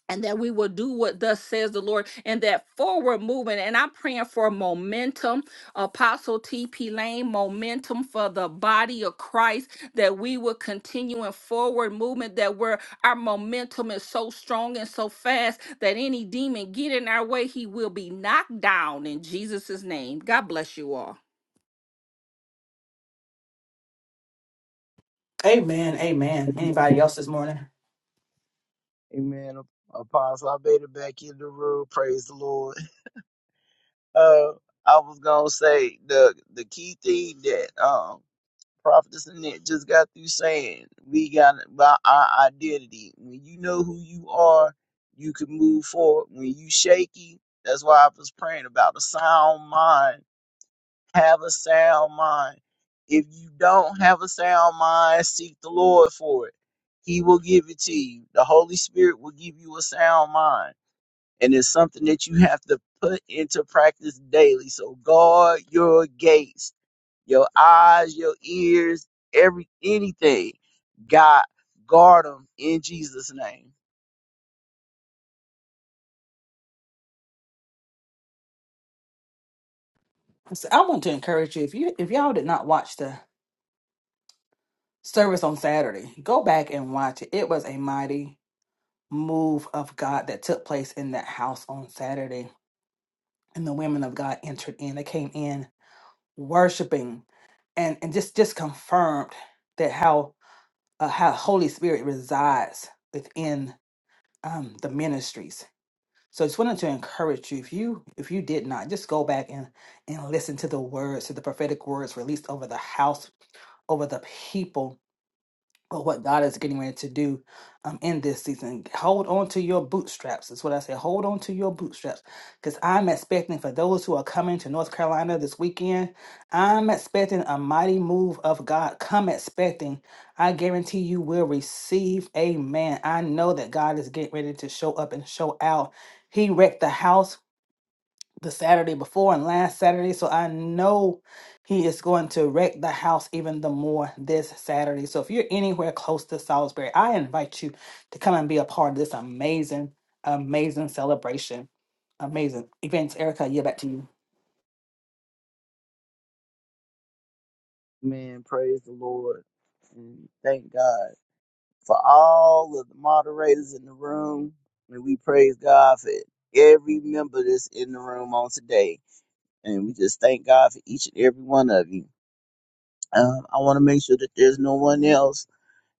And that we will do what thus says the Lord and that forward movement. And I'm praying for momentum, Apostle TP Lane, momentum for the body of Christ, that we will continue in forward movement, that we're, our momentum is so strong and so fast that any demon get in our way, he will be knocked down in Jesus' name. God bless you all.
Amen. Amen. Anybody else this morning?
Amen. Apostle, I made it back in the room. Praise the Lord. Uh, I was gonna say the the key thing that um Prophetess Annette just got through saying we got about our identity. When you know who you are, you can move forward. When you shaky, that's why I was praying about a sound mind. Have a sound mind. If you don't have a sound mind, seek the Lord for it. He will give it to you. The Holy Spirit will give you a sound mind. And it's something that you have to put into practice daily. So guard your gates your eyes, your ears, every anything. God, guard them in Jesus' name.
I said- I want to encourage you if you if y'all did not watch the service on Saturday, go back and watch it. It was a mighty move of God that took place in that house on Saturday. And the women of God entered in. They came in worshiping and, and just just confirmed that how uh, how Holy Spirit resides within um, the ministries So I just wanted to encourage you if you if you did not just go back and and listen to the words to the prophetic words released over the house over the people but what God is getting ready to do um, in this season. Hold on to your bootstraps. That's what I say. Hold on to your bootstraps. Because I'm expecting for those who are coming to North Carolina this weekend, I'm expecting a mighty move of God. Come expecting. I guarantee you will receive. Amen. I know that God is getting ready to show up and show out. He wrecked the house the Saturday before and last Saturday. So I know he is going to wreck the house even the more this Saturday. So if you're anywhere close to Salisbury, I invite you to come and be a part of this amazing, amazing celebration. Amazing events. Erica, I yield back to you.
Man, praise the Lord and thank God for all of the moderators in the room, and we praise God for every member that's in the room on today, and we just thank God for each and every one of you. Um, I want to make sure that there's no one else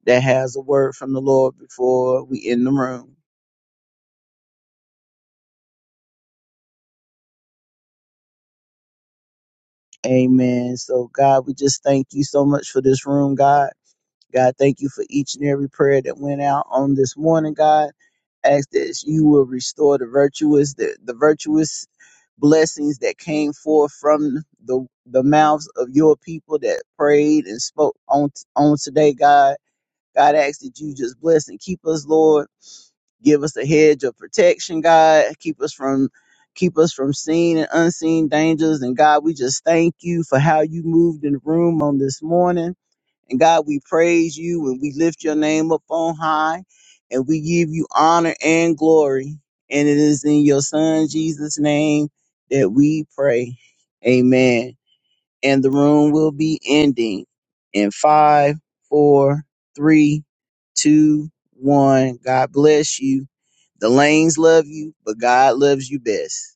that has a word from the Lord before we end the room. Amen. So, God, we just thank you so much for this room, God. God, thank you for each and every prayer that went out on this morning, God. Ask that you will restore the virtuous, the, the virtuous blessings that came forth from the the mouths of your people that prayed and spoke on on today, God. God, ask that you just bless and keep us, Lord give us a hedge of protection, God. Keep us from keep us from seen and unseen dangers. And God, we just thank you for how you moved in the room on this morning. And God, we praise you and we lift your name up on high and we give you honor and glory. And it is in your son Jesus' name that we pray. Amen and the room will be ending in five, four, three, two, one. God bless you. The lanes love you, but God loves you best.